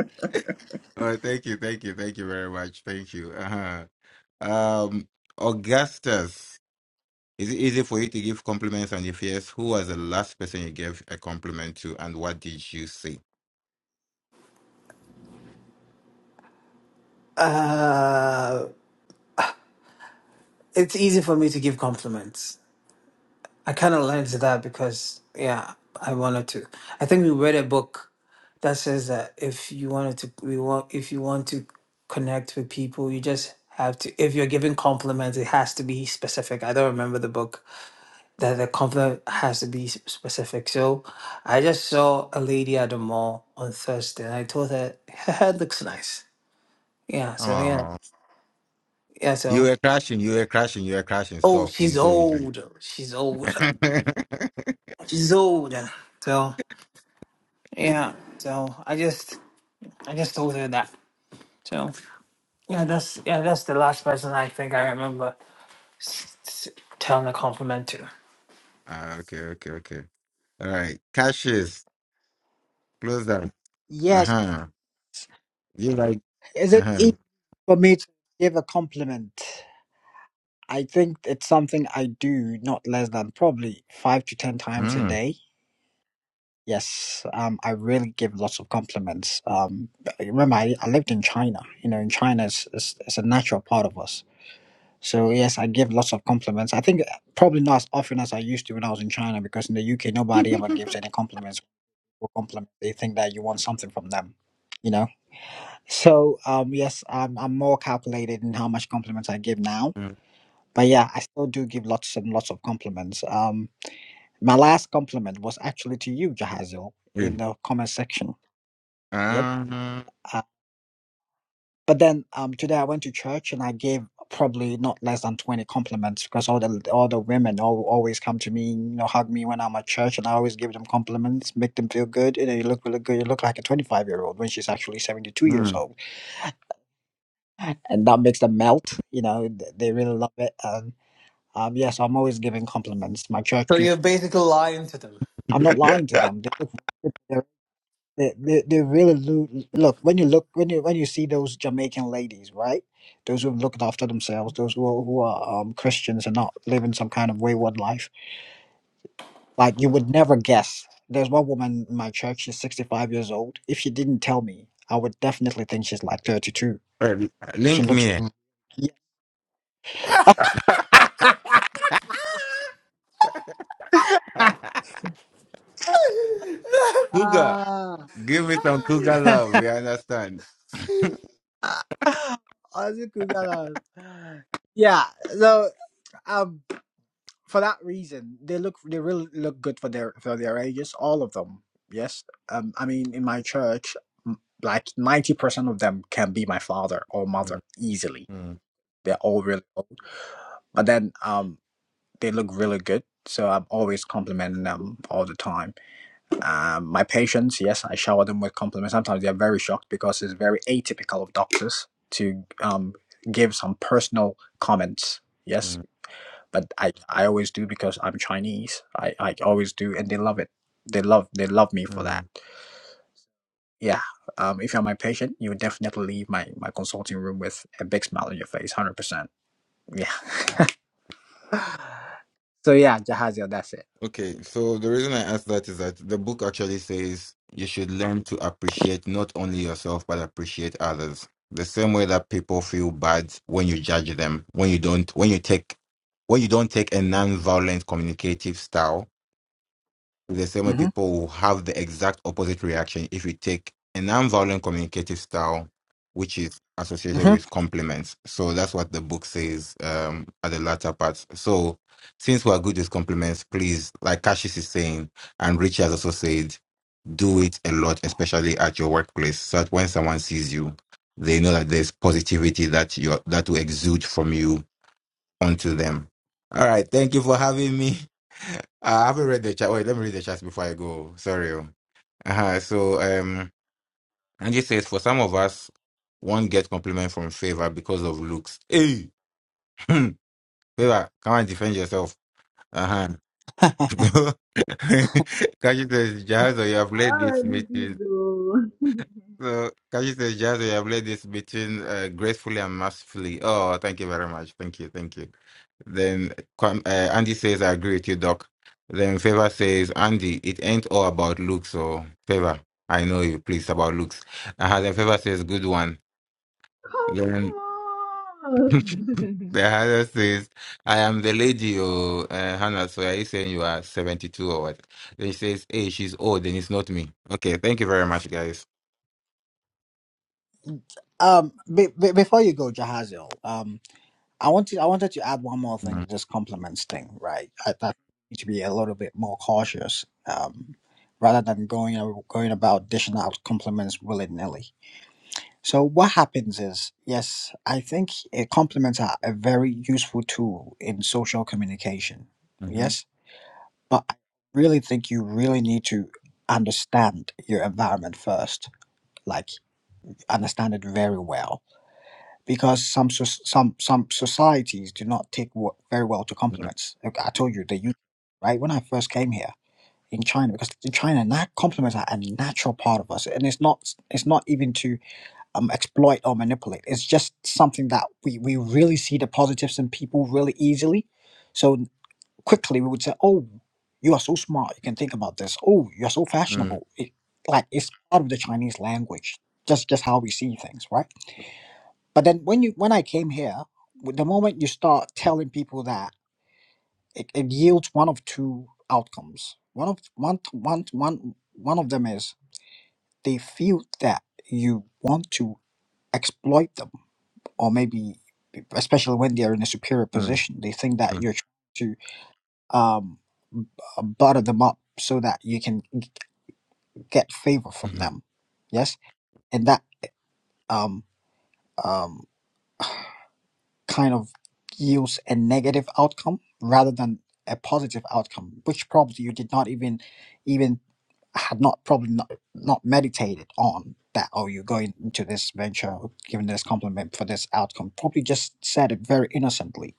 [SPEAKER 4] oh, thank you, thank you, thank you very much. Thank you. Uh-huh. Um, Augustus. Is it easy for you to give compliments? And if yes, who was the last person you gave a compliment to and what did you say?
[SPEAKER 6] Uh, it's easy for me to give compliments I kind of learned that because, yeah, I wanted to. I think we read a book that says that if you wanted to, we want if you want to connect with people, you just have to. If you're giving compliments, it has to be specific. I don't remember the book that the compliment has to be s- specific. So I just saw a lady at the mall on Thursday, and I told her her hair looks nice. Yeah. So yeah,
[SPEAKER 4] Oh,
[SPEAKER 6] yeah.
[SPEAKER 4] you
[SPEAKER 6] So
[SPEAKER 4] were crashing, you were crashing, you were crashing.
[SPEAKER 6] oh,
[SPEAKER 4] Stop. We
[SPEAKER 6] she's
[SPEAKER 4] so easily.
[SPEAKER 6] old. She's old. She's old. So. Yeah. So I just I just told her that. So yeah, that's yeah, that's the last person I think I remember s- s- telling a compliment to.
[SPEAKER 4] Ah, okay, okay, okay. All right. Caches, close that. Uh
[SPEAKER 1] yes.
[SPEAKER 4] huh. You like,
[SPEAKER 1] Is
[SPEAKER 4] uh
[SPEAKER 1] it
[SPEAKER 4] huh.
[SPEAKER 1] easy for me to give a compliment? I think it's something I do not less than probably five to ten times a
[SPEAKER 4] Mm.
[SPEAKER 1] day. Yes, um, I really give lots of compliments. Um, but remember, I, I lived in China. You know, in China, it's, it's, it's a natural part of us. So yes, I give lots of compliments. I think uh, probably not as often as I used to when I was in China, because in the UK, nobody ever gives any compliments. Or compliment, they think that you want something from them. You know. So um, yes, I'm, I'm more calculated in how much compliments I give now
[SPEAKER 4] Mm.
[SPEAKER 1] But yeah, I still do give lots and lots of compliments. Um, my last compliment was actually to you, Jahazil, in
[SPEAKER 4] Hey.
[SPEAKER 1] the comment section. Yep.
[SPEAKER 4] Uh-huh.
[SPEAKER 1] Uh, but then um, today I went to church and I gave probably not less than twenty compliments because all the all the women all, always come to me, you know, hug me when I'm at church, and I always give them compliments, make them feel good. You know, you look really good. You look like a twenty five year old when she's actually seventy two years
[SPEAKER 4] Mm.
[SPEAKER 1] old, and that makes them melt. You know, th- they really love it. And um, yes, I'm always giving compliments. My church
[SPEAKER 6] So
[SPEAKER 1] people.
[SPEAKER 6] you're basically lying to them.
[SPEAKER 1] I'm not lying to them. They look, they're, they they they really lo- look when you look when you when you see those Jamaican ladies, right? Those who have looked after themselves, those who are, who are um, Christians and not living some kind of wayward life. Like you would never guess. There's one woman in my church. She's 65 years old. If she didn't tell me, I would definitely think she's like 32.
[SPEAKER 4] Well,
[SPEAKER 1] She
[SPEAKER 4] Link
[SPEAKER 1] looks.
[SPEAKER 4] me.
[SPEAKER 1] Yeah.
[SPEAKER 4] Cougar,
[SPEAKER 1] Ah,
[SPEAKER 4] give me some cougar love. We understand.
[SPEAKER 1] Ozzy Kugana. Yeah, so for that reason, they look they really look good for their for their ages, all of them. Yes, um, I mean in my church, m- like ninety percent of them can be my father or
[SPEAKER 4] Mm,
[SPEAKER 1] mother easily.
[SPEAKER 4] mm,
[SPEAKER 1] They're all really old, but then um, they look really good. So I'm always complimenting them all the time. Um, my patients, yes, I shower them with compliments. Sometimes they're very shocked because it's very atypical of doctors to um, give some personal comments. Yes,
[SPEAKER 4] mm,
[SPEAKER 1] but I, I always do because I'm Chinese. I, I always do, and they love it. They love they love me for
[SPEAKER 4] mm.
[SPEAKER 1] that. Yeah. Um, if you're my patient, you would definitely leave my, my consulting room with a big smile on your face, hundred percent. Yeah. So yeah, Jahazil, that's it.
[SPEAKER 4] Okay, so the reason I asked that is that the book actually says you should learn to appreciate not only yourself but appreciate others. The same way that people feel bad when you judge them, when you don't, when you take, when you don't take a non-violent communicative style the same way
[SPEAKER 1] hmm
[SPEAKER 4] people will have the exact opposite reaction if you take a nonviolent communicative style, which is associated
[SPEAKER 1] hmm
[SPEAKER 4] with compliments. So that's what the book says um, at the latter part. So since we are good with compliments, please, like Cassius is saying, and Richie has also said, do it a lot, especially at your workplace, so that when someone sees you, they know that there's positivity that you that will exude from you unto them. All right. Thank you for having me. I haven't read the chat. Wait, let me read the chat before I go. Sorry. oh. Uh-huh. So, um, Angie says, for some of us, one gets compliment from favor because of looks. Hey, favor, come and defend yourself. Uh huh. Kashi says, Jahazo, you have led this
[SPEAKER 5] already did
[SPEAKER 4] meeting.
[SPEAKER 5] though.
[SPEAKER 4] So, Kashi says, Jahazo, you have led this meeting uh, gracefully and masterfully. Oh, thank you very much. Thank you. Thank you. Then Kwam- uh, Andy says, I agree with you, Doc. Then Favor says, Andy, it ain't all about looks or Favor. I know you, please, about looks. Uh, then Favor says, good one.
[SPEAKER 5] Come
[SPEAKER 4] Then the
[SPEAKER 5] on.
[SPEAKER 4] other says, I am the lady, oh, uh, Hannah, so are you saying you are 72 or what? Then he says, hey, she's old, then it's not me. Okay, thank you very much, guys.
[SPEAKER 1] Um, be, be, before you go, Jahazil, um, I want to, I wanted to add one more thing
[SPEAKER 4] Mm,
[SPEAKER 1] to this compliments thing, right? I thought you need to be a little bit more cautious, um, rather than going going about dishing out compliments willy nilly. So what happens is, yes, I think uh, compliments are a very useful tool in social communication.
[SPEAKER 4] mhm,
[SPEAKER 1] Yes, but I really think you really need to understand your environment first, like understand it very well, because some soc- some some societies do not take wo- very well to
[SPEAKER 4] mm,
[SPEAKER 1] compliments. Like I told you the U, K, right? When I first came here in China, because in China, na compliments are a natural part of us, and it's not it's not even to um, exploit or manipulate. It's just something that we, we really see the positives in people really easily. So quickly we would say, oh, you are so smart. You can think about this. Oh, you're so
[SPEAKER 4] mm,
[SPEAKER 1] fashionable. It, like it's part of the Chinese language. Just just how we see things, right? But then when you when I came here, w- the moment you start telling people that, it, it yields one of two outcomes. One of one one one one of them is they feel that you want to exploit them or maybe especially when they're in a superior
[SPEAKER 4] mm,
[SPEAKER 1] position they think that you're trying to um b- butter them up so that you can g- get favor from
[SPEAKER 4] mm,
[SPEAKER 1] them yes and that um um kind of yields a negative outcome rather than a positive outcome which probably you did not even even had not probably not, not meditated on that oh you're going into this venture giving this compliment for this outcome probably just said it very innocently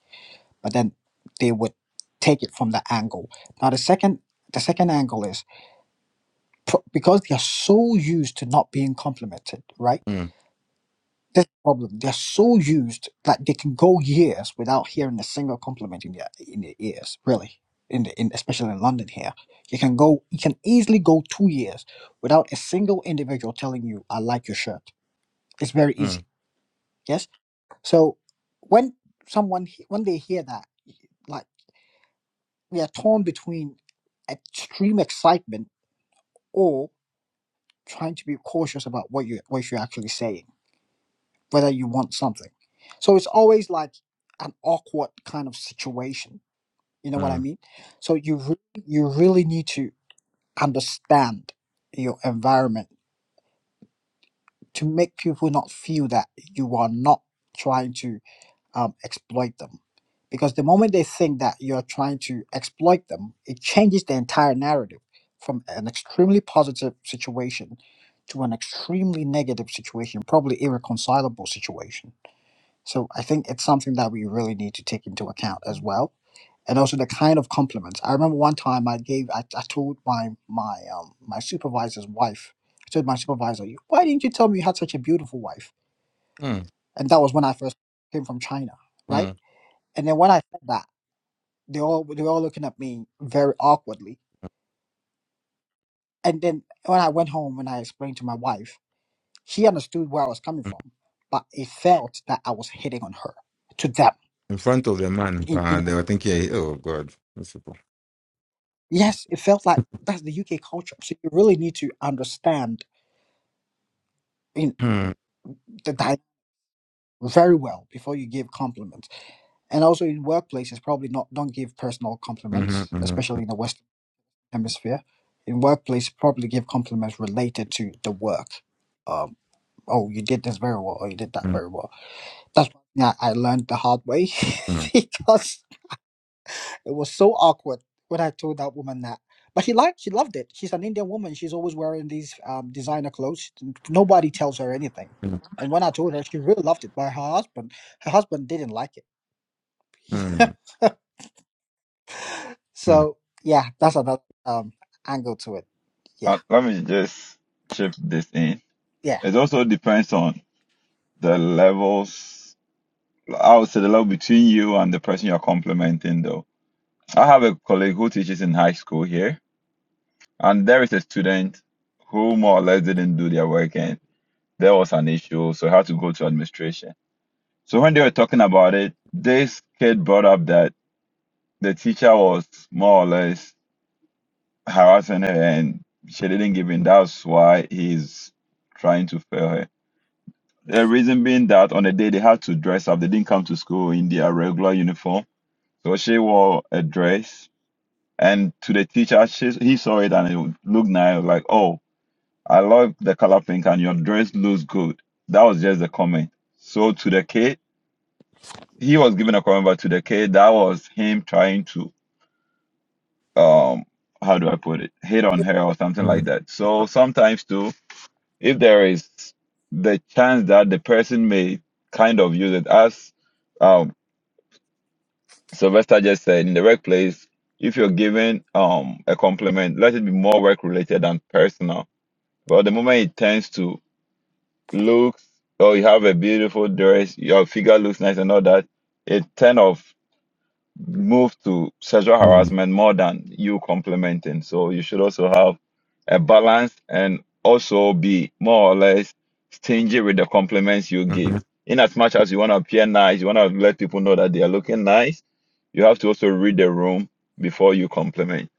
[SPEAKER 1] but then they would take it from that angle. Now the second the second angle is pro- because they are so used to not being complimented, right?
[SPEAKER 4] mhm,
[SPEAKER 1] This problem they're so used that they can go years without hearing a single compliment in their in their ears, really. In the in especially in London here, you can go you can easily go two years without a single individual telling you I like your shirt. It's very
[SPEAKER 4] mm,
[SPEAKER 1] easy. Yes. So when someone he- when they hear that. like. we are torn between extreme excitement or trying to be cautious about what you what you're actually saying, whether you want something. So it's always like an awkward kind of situation. You know what I
[SPEAKER 4] mm,
[SPEAKER 1] mean? So you re- you really need to understand your environment to make people not feel that you are not trying to um, exploit them. Because the moment they think that you're trying to exploit them, it changes the entire narrative from an extremely positive situation to an extremely negative situation, probably irreconcilable situation. So I think it's something that we really need to take into account as well. And also the kind of compliments. I remember one time I gave, I, I told my my um, my supervisor's wife, I told my supervisor, why didn't you tell me you had such a beautiful wife?
[SPEAKER 4] mm,
[SPEAKER 1] And that was when I first came from China, right?
[SPEAKER 4] mm,
[SPEAKER 1] And then when I said that, they all they were all looking at me very awkwardly. And then when I went home and I explained to my wife, she understood where I was coming from, but it felt that I was hitting on her to them.
[SPEAKER 4] in front of a man
[SPEAKER 1] In you
[SPEAKER 4] pa, they
[SPEAKER 1] know,
[SPEAKER 4] were thinking eh, oh god these people
[SPEAKER 1] yes, it felt like that's the UK culture. So you really need to understand in
[SPEAKER 4] Hmm,
[SPEAKER 1] the dynamic very well before you give compliments. And also in workplaces, probably not don't give personal
[SPEAKER 4] mhm,
[SPEAKER 1] compliments,
[SPEAKER 4] mhm,
[SPEAKER 1] especially in the Western Hemisphere. In workplace, probably give compliments related to the work um, oh, you did this very well, or you did that
[SPEAKER 4] mhm,
[SPEAKER 1] very well. That's one I, learned the hard way
[SPEAKER 4] mhm,
[SPEAKER 1] because it was so awkward when I told that woman that. But she liked, she loved it. She's an Indian woman. She's always wearing these um, designer clothes. Nobody tells her anything.
[SPEAKER 4] mhm,
[SPEAKER 1] And when I told her, she really loved it. But her husband, her husband didn't like it.
[SPEAKER 4] mhm,
[SPEAKER 1] so yeah, that's another um, angle to it. Yeah,
[SPEAKER 7] Uh, let me just chip this in.
[SPEAKER 1] yeah.
[SPEAKER 7] It also depends on the levels. I would say the level between you and the person you're complimenting, though. I have a colleague who teaches in high school here, and there is a student who more or less didn't do their work, and there was an issue, so he had to go to administration. So when they were talking about it, this kid brought up that the teacher was more or less harassing her and she didn't give in. That's why he's trying to fail her. The reason being that on the day they had to dress up, they didn't come to school in their regular uniform. So she wore a dress and to the teacher, she, he saw it and it looked nice, like, oh, I love the color pink and your dress looks good. That was just the comment. So to the kid, he was giving a call to the kid. That was him trying to um how do I put it? Hit on her or something like
[SPEAKER 4] mhm,
[SPEAKER 7] that. So sometimes too, if there is the chance that the person may kind of use it as um Sylvester just said in the workplace, if you're giving um a compliment, let it be more work related than personal. But the moment it turns to looks, oh you have a beautiful dress, your figure looks nice and all that, it turn off move to sexual
[SPEAKER 4] mhm, mhm,
[SPEAKER 7] harassment more than you complimenting. So you should also have a balance and also be more or less stingy with the compliments you give.
[SPEAKER 4] mhm.
[SPEAKER 7] In as much as you want to appear nice, you want to let people know that they are looking nice, you have to also read the room before you compliment.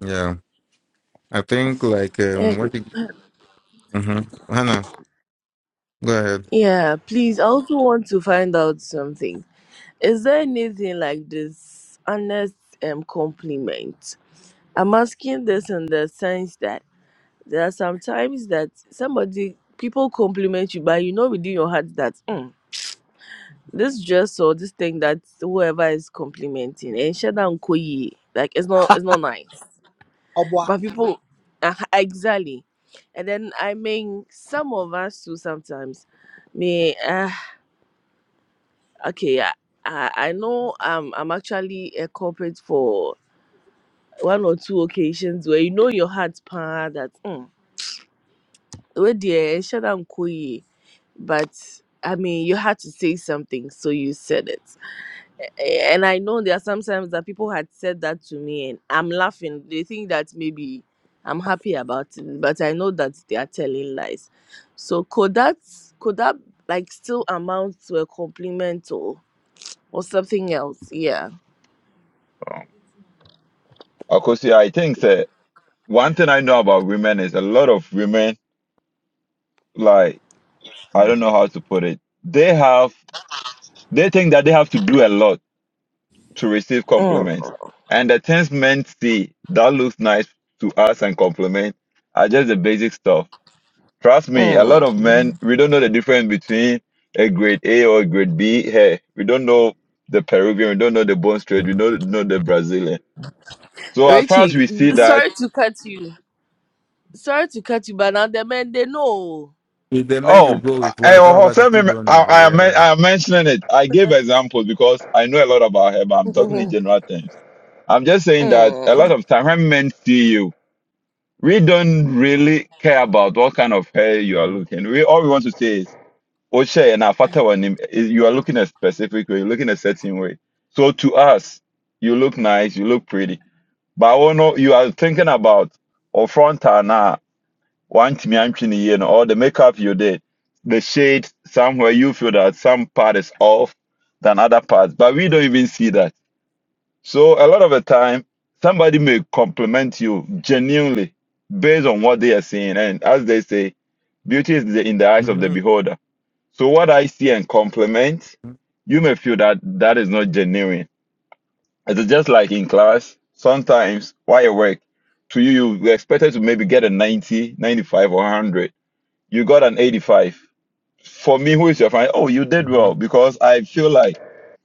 [SPEAKER 4] yeah i think like um what you, hmm hannah go ahead
[SPEAKER 3] Yeah, please. I also want to find out something. Is there anything like this honest um compliment? I'm asking this in the sense that there are sometimes that somebody people compliment you, but you know within your heart that mm, this dress or this thing that whoever is complimenting and shut down koyi like it's not it's not nice.
[SPEAKER 1] Au revoir.
[SPEAKER 3] But people uh, exactly, and then I mean some of us too sometimes. Me, ah, Okay, I, I I know um I'm actually a corporate for one or two occasions where you know your heart pan that mm, where dear shut down koye but I mean you had to say something so you said it. A- And I know there are sometimes that people had said that to me and I'm laughing. They think that maybe I'm happy about it, but I know that they are telling lies. So could that could that like still amount to a compliment or or something else? Yeah.
[SPEAKER 7] Um, Akosi, I think that one thing I know about women is a lot of women, like, I don't know how to put it, they have, they think that they have to do a lot to receive compliments. And the things men see that looks nice to us and compliment are just the basic stuff. Trust me, a lot
[SPEAKER 3] Mm.
[SPEAKER 7] of men, we don't know the difference between a grade A or a grade B hair. We don't know the Peruvian, we don't know the bone straight, we
[SPEAKER 4] Mhm.
[SPEAKER 7] don't know the Brazilian. So as far as
[SPEAKER 3] Richie,
[SPEAKER 7] we see that,
[SPEAKER 3] Sorry to cut you. Sorry to cut you, but now the men they know.
[SPEAKER 4] It's the men you
[SPEAKER 7] oh,
[SPEAKER 4] go with
[SPEAKER 7] I,
[SPEAKER 4] why some of us we still
[SPEAKER 7] I,
[SPEAKER 4] don't know
[SPEAKER 7] I, I
[SPEAKER 4] eh,
[SPEAKER 7] am
[SPEAKER 4] yeah
[SPEAKER 7] men-
[SPEAKER 4] why
[SPEAKER 7] I am mentioning it. I gave examples because I know a lot about hair, but I'm talking in general terms. I'm just saying that a lot
[SPEAKER 3] mm.
[SPEAKER 7] of time when men see you, we don't really care about what kind of hair you are
[SPEAKER 4] mm-hmm.
[SPEAKER 7] looking. We all we want to say is Oshe and Afata Wanim is you are looking a specific way, you're looking a certain way. So to us, you look nice, you look pretty. But oh no, you are thinking about or front and uh, one you know, or the makeup you did, the shade somewhere you feel that some part is off than other parts. But we don't even see that so a lot of the time, somebody may compliment you genuinely based on what they are seeing. And as they say, beauty is the- in the eyes of the
[SPEAKER 4] Mm-hmm.
[SPEAKER 7] beholder. So what I see and compliment, you may feel that that is not genuine. It's just like in class, sometimes while you work, to you, you were expected to maybe get a 90, 95, or 100. You got an 85. For me, who is your friend? Oh, you did well because I feel like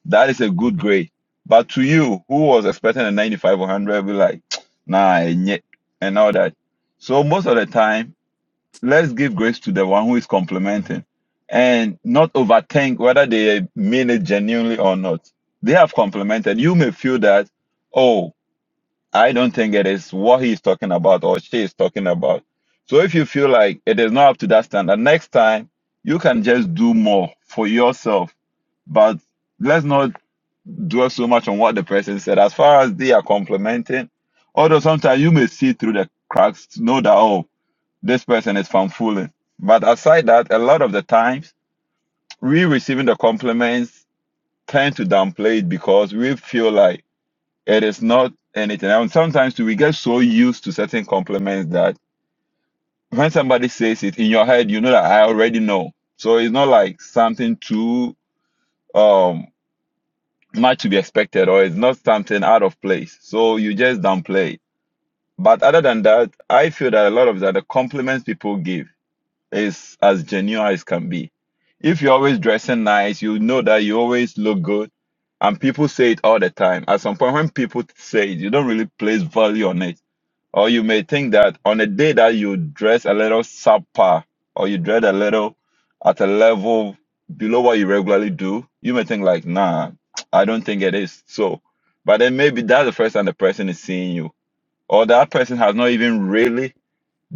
[SPEAKER 7] that is a
[SPEAKER 4] hmm
[SPEAKER 7] good grade. But to you, who was expecting a 95 or 100, be like, nah, and and all that. So most of the time, let's give grace to the one who is
[SPEAKER 4] hmm
[SPEAKER 7] complimenting and not overthink whether they mean it genuinely or not. They have complimented. You may feel that, oh, I don't think it is what he is talking about or she is talking about. So if you feel like it is not up to that standard, next time you can just do more for yourself. But let's not dwell so much on what the person said as far as they are complimenting. Although sometimes you may see through the cracks to know that, oh, this person is fanfooling. But aside that, a lot of the times we receiving the compliments tend to downplay it because we feel like it is not anything. And sometimes too, we get so used to certain compliments that when somebody says it in your head, you know that I already know. So it's not like something too um. much to be expected or it's not something out of place. So you just downplay it. But other than that, I feel that a lot of that the compliments people give is as genuine as can be. If you're always dressing nice, you know that you always look good. And people say it all the time. At some point, when people say it, you don't really place value on it or you may think that on a day that you dress a little
[SPEAKER 1] I,
[SPEAKER 7] subpar or you dress a little at a level below what you regularly do, you may think like, nah, I don't think it is. So, but then maybe that's the first time the person is seeing you. Or that person has not even really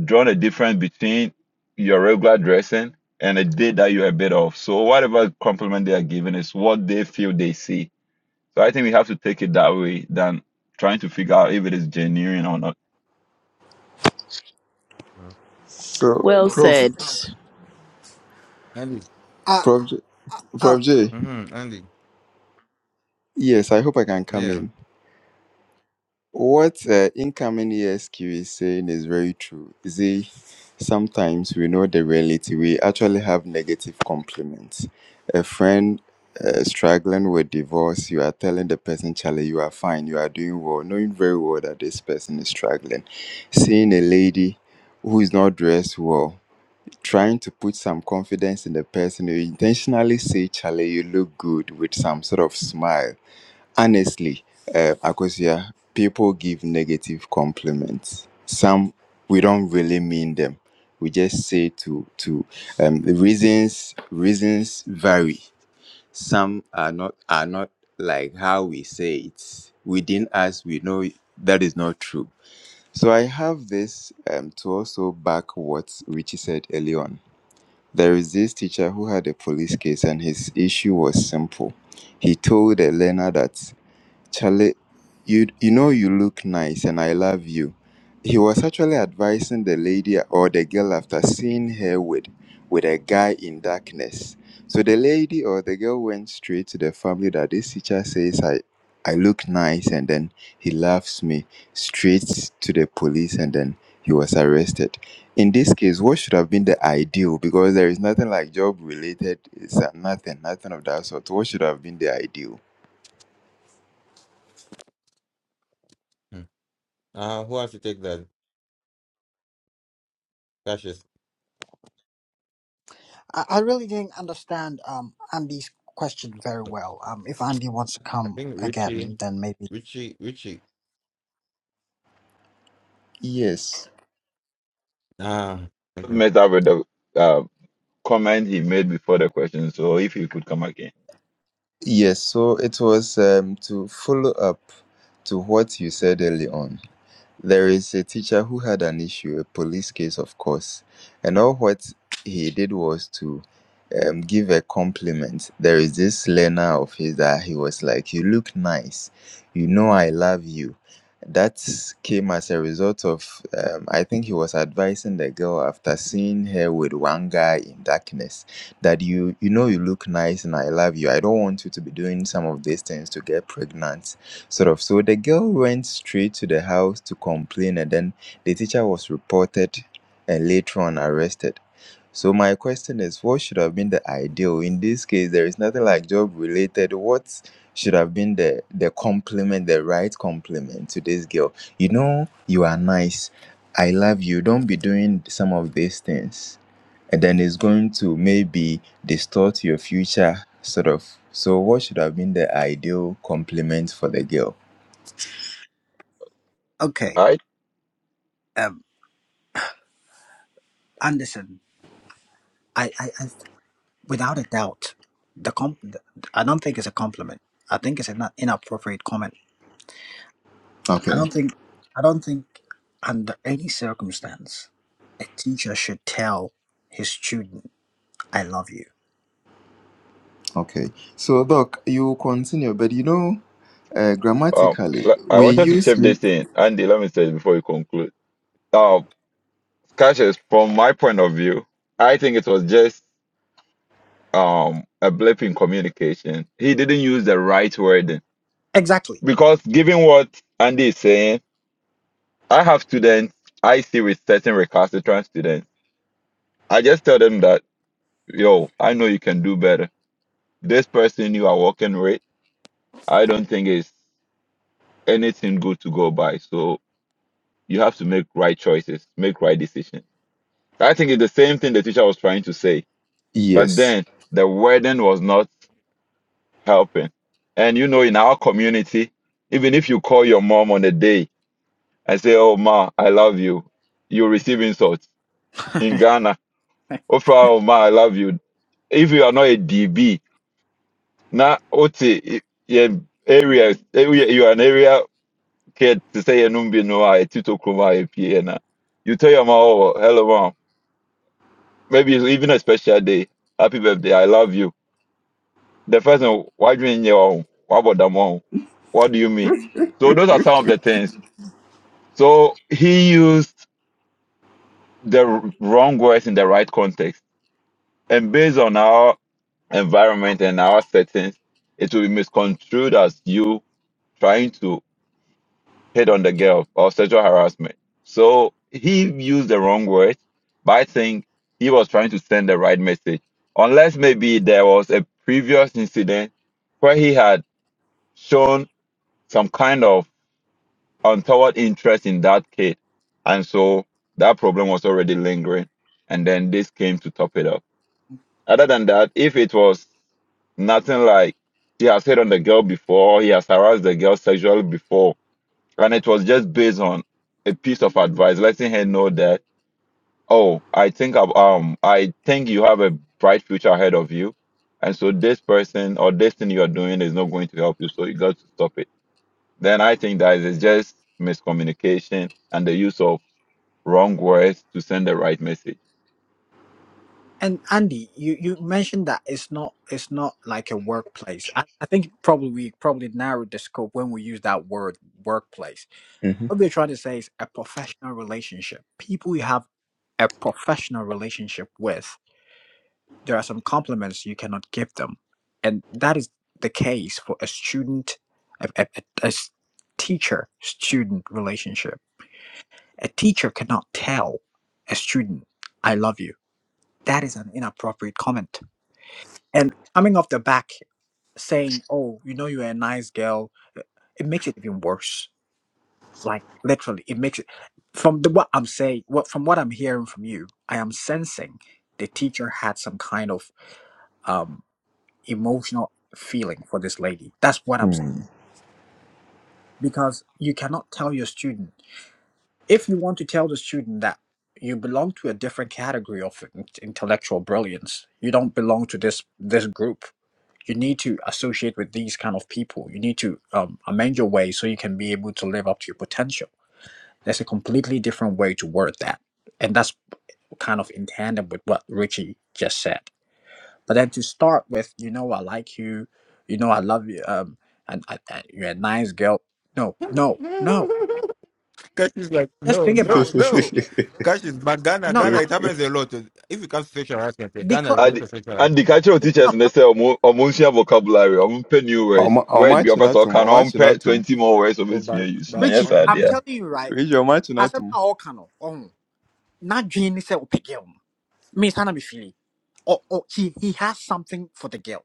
[SPEAKER 7] drawn a difference between your regular dressing and a day that you're a bit off. So whatever compliment they are giving is what they feel they see. So I think we have to take it that way than trying to figure out if it is genuine or not.
[SPEAKER 4] mm
[SPEAKER 2] So,
[SPEAKER 3] well
[SPEAKER 2] prof.
[SPEAKER 3] said.
[SPEAKER 4] andy
[SPEAKER 2] Prof. J,
[SPEAKER 1] I, I
[SPEAKER 2] Prof. J,
[SPEAKER 4] hmm andy
[SPEAKER 2] yes, I hope I can come
[SPEAKER 4] yeah
[SPEAKER 2] in. What uh, incoming E S Q is saying is very true. You See, sometimes we know the reality. We actually have negative compliments. A friend uh, struggling with divorce, you are telling the person, Charlie, you are fine, you are doing well, knowing very well that this person is struggling. Seeing a lady who is not dressed well, trying to put some confidence in the person you intentionally say charlie you look good with some sort of smile honestly uh, akosia people give negative compliments some we don't really mean them we just say to to um, the reasons reasons vary some are not are not like how we say it within us we know that is not true so i have this um, to also back what richie said earlier on there is this teacher who had a police case, and his issue was simple. He told a learner that Charlie, you you know you look nice and I love you. He was actually advising the lady or the girl after seeing her with with a guy in darkness. So the lady or the girl went straight to the family that this teacher says I I look nice and then he loves me straight to the police and then he was arrested. In this case, what should have been the ideal? Because there is nothing like job related, it's uh, nothing, nothing of that sort. What should have been the ideal?
[SPEAKER 4] Hmm. uh who has to take that Cassius.
[SPEAKER 1] I, I really didn't understand um Andy's question very
[SPEAKER 4] i
[SPEAKER 1] well. Um, if Andy wants to come
[SPEAKER 4] think richie
[SPEAKER 1] again, then maybe.
[SPEAKER 4] richie richie
[SPEAKER 2] Yes.
[SPEAKER 4] ah
[SPEAKER 7] messed up with the uh, comment he made before the question. So if he could come again,
[SPEAKER 2] Yes, so it was um, to follow up to what you said early on. There is a teacher who had an issue, a police case, of course, and all what he did was to um, give a compliment. There is this learner of his that he was like, You look nice, you know, I love you. That came as a result of, um, I think he was advising the girl after seeing her with one guy in darkness that you, you know, you look nice and I love you. I don't want you to be doing some of these things to get pregnant sort of. So the girl went straight to the house to complain, and then the teacher was reported and later on arrested. So my question is, what should have been the ideal in this case? There is nothing like job related. What should have been the the compliment, the right compliment to this girl? You know, you are nice. I love you. Don't be doing some of these things and then it's going to maybe distort your future sort of so what should have been the ideal compliment for the girl
[SPEAKER 1] Okay,
[SPEAKER 7] I
[SPEAKER 1] um, Anderson, I, I, I without a doubt, the comp, I don't think it's a compliment. I think it's an inappropriate comment. I don't
[SPEAKER 2] Okay,
[SPEAKER 1] think, I don't think, under any circumstance, a teacher should tell his student, "I love you."
[SPEAKER 2] okay. So, Doc, you continue, but you know, uh,
[SPEAKER 7] um
[SPEAKER 2] grammatically,
[SPEAKER 7] l- I
[SPEAKER 2] we
[SPEAKER 7] wanted to
[SPEAKER 2] use
[SPEAKER 7] chip
[SPEAKER 2] we
[SPEAKER 7] this in, Andy. Let me say it before you conclude. Um, Cassius, from my point of view, I think it was just um a blip in communication. He didn't use the right wording
[SPEAKER 1] Exactly.
[SPEAKER 7] because given what Andy is saying, I have students I see with certain recalcitrant students. I just tell them that yo, I know you can do better. This person you are working with, I don't think is. anything good to go by. So you have to make right choices, make right decisions. I think it's the same thing the teacher was trying to say, but
[SPEAKER 2] yes.
[SPEAKER 7] then the wording was not helping. And you know, in our community, even if you call your mom on a day and say, "Oh ma, I love you," you receive insults. In Ghana, "Oh fra, oh ma, I love you." If you are not a DB, now, Ote, yeah, area, you are an area. kid to say your numbi no I tuto kuma na. You tell your mom, oh, hello mom. Maybe it's even a special day. Happy birthday, I love you. The first one, why do you in your own? What about the mom? What do you mean? So those are some of the things. So he used the r- wrong words in the right context. And based on our environment and our settings, it will be misconstrued as you trying to hit on the girl or sexual harassment. So he used the wrong word, but I think he was trying to send the right message. Unless maybe there was a previous incident where he had shown some kind of untoward interest in that kid. And so that problem was already lingering. And then this came to top it up. Other than that, if it was nothing like he has hit on the girl before, he has harassed the girl sexually before, and it was just based on a piece of advice, letting her know that, oh, I think I've- um I think you have a bright future ahead of you, and so this person or this thing you are doing is not going to help you, so you got to stop it. Then I think that is just miscommunication and the use of wrong words to send the right message.
[SPEAKER 1] And Andy, you, you mentioned that it's not it's not like a workplace. I, I think probably we probably narrowed the scope when we use that word workplace.
[SPEAKER 2] Mm-hmm.
[SPEAKER 1] What we're trying to say is a professional relationship. People you have a professional relationship with, there are some compliments you cannot give them. And that is the case for a student, a, a, a- a s- teacher student relationship. A teacher cannot tell a student, I love you. That is an inappropriate comment. And coming off the back saying, oh, you know, you're a nice girl, it makes it even worse Like literally, it makes it from the what I'm saying, what from what I'm hearing from you, I am sensing the teacher had some kind of um emotional feeling for this lady. That's what I'm s-
[SPEAKER 2] Mm.
[SPEAKER 1] because you cannot tell your student if you want to tell the student that you belong to a different category of in- intellectual brilliance. You don't belong to this this group. You need to associate with these kind of people. You need to um, amend your way so you can be able to live up to your potential There's a completely different way to word that. And that's kind of in tandem with what Richie just said. But then to start with, you know, I like you, you know, I love you, um, and, I and you're a nice girl. No, no, no.
[SPEAKER 4] Cash is like,
[SPEAKER 1] Just
[SPEAKER 4] no,
[SPEAKER 1] think about
[SPEAKER 4] no, no. Cash is, but
[SPEAKER 1] it.
[SPEAKER 4] Ghana,
[SPEAKER 1] No,
[SPEAKER 4] Ghana,
[SPEAKER 1] I,
[SPEAKER 4] it happens a lot. If it comes to sexual harassment, eh, Ghana
[SPEAKER 1] because
[SPEAKER 4] is a lot
[SPEAKER 7] And
[SPEAKER 4] of sexual
[SPEAKER 7] and the
[SPEAKER 4] harassment.
[SPEAKER 7] cultural teachers they say "Omo- omunsia vocabulary, omunpe new words, word be upper so
[SPEAKER 2] Omachinatum,
[SPEAKER 7] can unpair
[SPEAKER 2] omachinatum.
[SPEAKER 7] twenty more words of
[SPEAKER 4] Oh,
[SPEAKER 7] this you
[SPEAKER 4] but,
[SPEAKER 7] use. Now
[SPEAKER 4] but
[SPEAKER 7] yes
[SPEAKER 1] Richie, I'm
[SPEAKER 7] idea.
[SPEAKER 4] honestly,
[SPEAKER 1] telling you, right?
[SPEAKER 2] Which
[SPEAKER 1] As I'm
[SPEAKER 2] omachinatum?
[SPEAKER 1] all kind of on, not Jean said, me, sana me feel. Or, or he, he has something for the girl.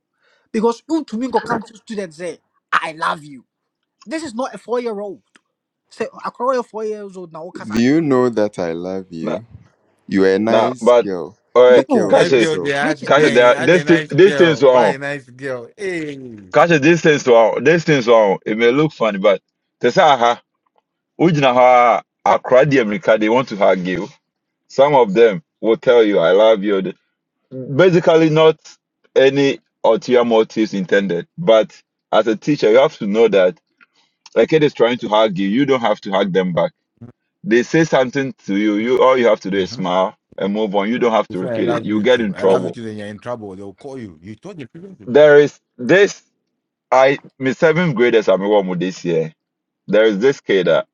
[SPEAKER 1] Because you to me go come to students say, I love you. This is not a four year old. Say akɔrɔ yɛ four years old na wɔkasa
[SPEAKER 2] Do
[SPEAKER 1] adwene.
[SPEAKER 2] you know that I love you? You are a
[SPEAKER 7] Nah,
[SPEAKER 2] nice
[SPEAKER 7] but
[SPEAKER 2] girl.
[SPEAKER 7] all right,
[SPEAKER 2] Take care
[SPEAKER 1] No,
[SPEAKER 2] of
[SPEAKER 4] nice
[SPEAKER 7] Cassius,
[SPEAKER 4] girl, they
[SPEAKER 2] yourself.
[SPEAKER 4] are
[SPEAKER 1] Rich
[SPEAKER 7] Cassius,
[SPEAKER 1] Rich.
[SPEAKER 7] there
[SPEAKER 4] dang,
[SPEAKER 7] are
[SPEAKER 4] I
[SPEAKER 7] this
[SPEAKER 4] a
[SPEAKER 7] thi-
[SPEAKER 4] nice
[SPEAKER 7] these things
[SPEAKER 4] girl. Why
[SPEAKER 7] wrong.
[SPEAKER 4] a nice girl? Hey.
[SPEAKER 7] Cassius, these things wrong. These things wrong. It may look funny, but they say, aha, Ujina ha, Accra, the America, they want to hug you. Some of them will tell you, I love you. Basically, not any ulterior motives intended. But as a teacher, you have to know that a kid is trying to hug you. You don't have to hug them back. They say something to you. You all you have to do is
[SPEAKER 4] Mm-hmm.
[SPEAKER 7] smile and move on. You don't have
[SPEAKER 4] You
[SPEAKER 7] to
[SPEAKER 4] say, I
[SPEAKER 7] repeat
[SPEAKER 1] exa-
[SPEAKER 7] it.
[SPEAKER 4] love
[SPEAKER 7] You
[SPEAKER 4] you
[SPEAKER 7] get
[SPEAKER 4] too.
[SPEAKER 7] in
[SPEAKER 4] I love you
[SPEAKER 7] trouble
[SPEAKER 4] too, then you're in trouble. They'll call you. You told the people to.
[SPEAKER 7] There is this I my seventh graders I'm with this year. There is this kid uh,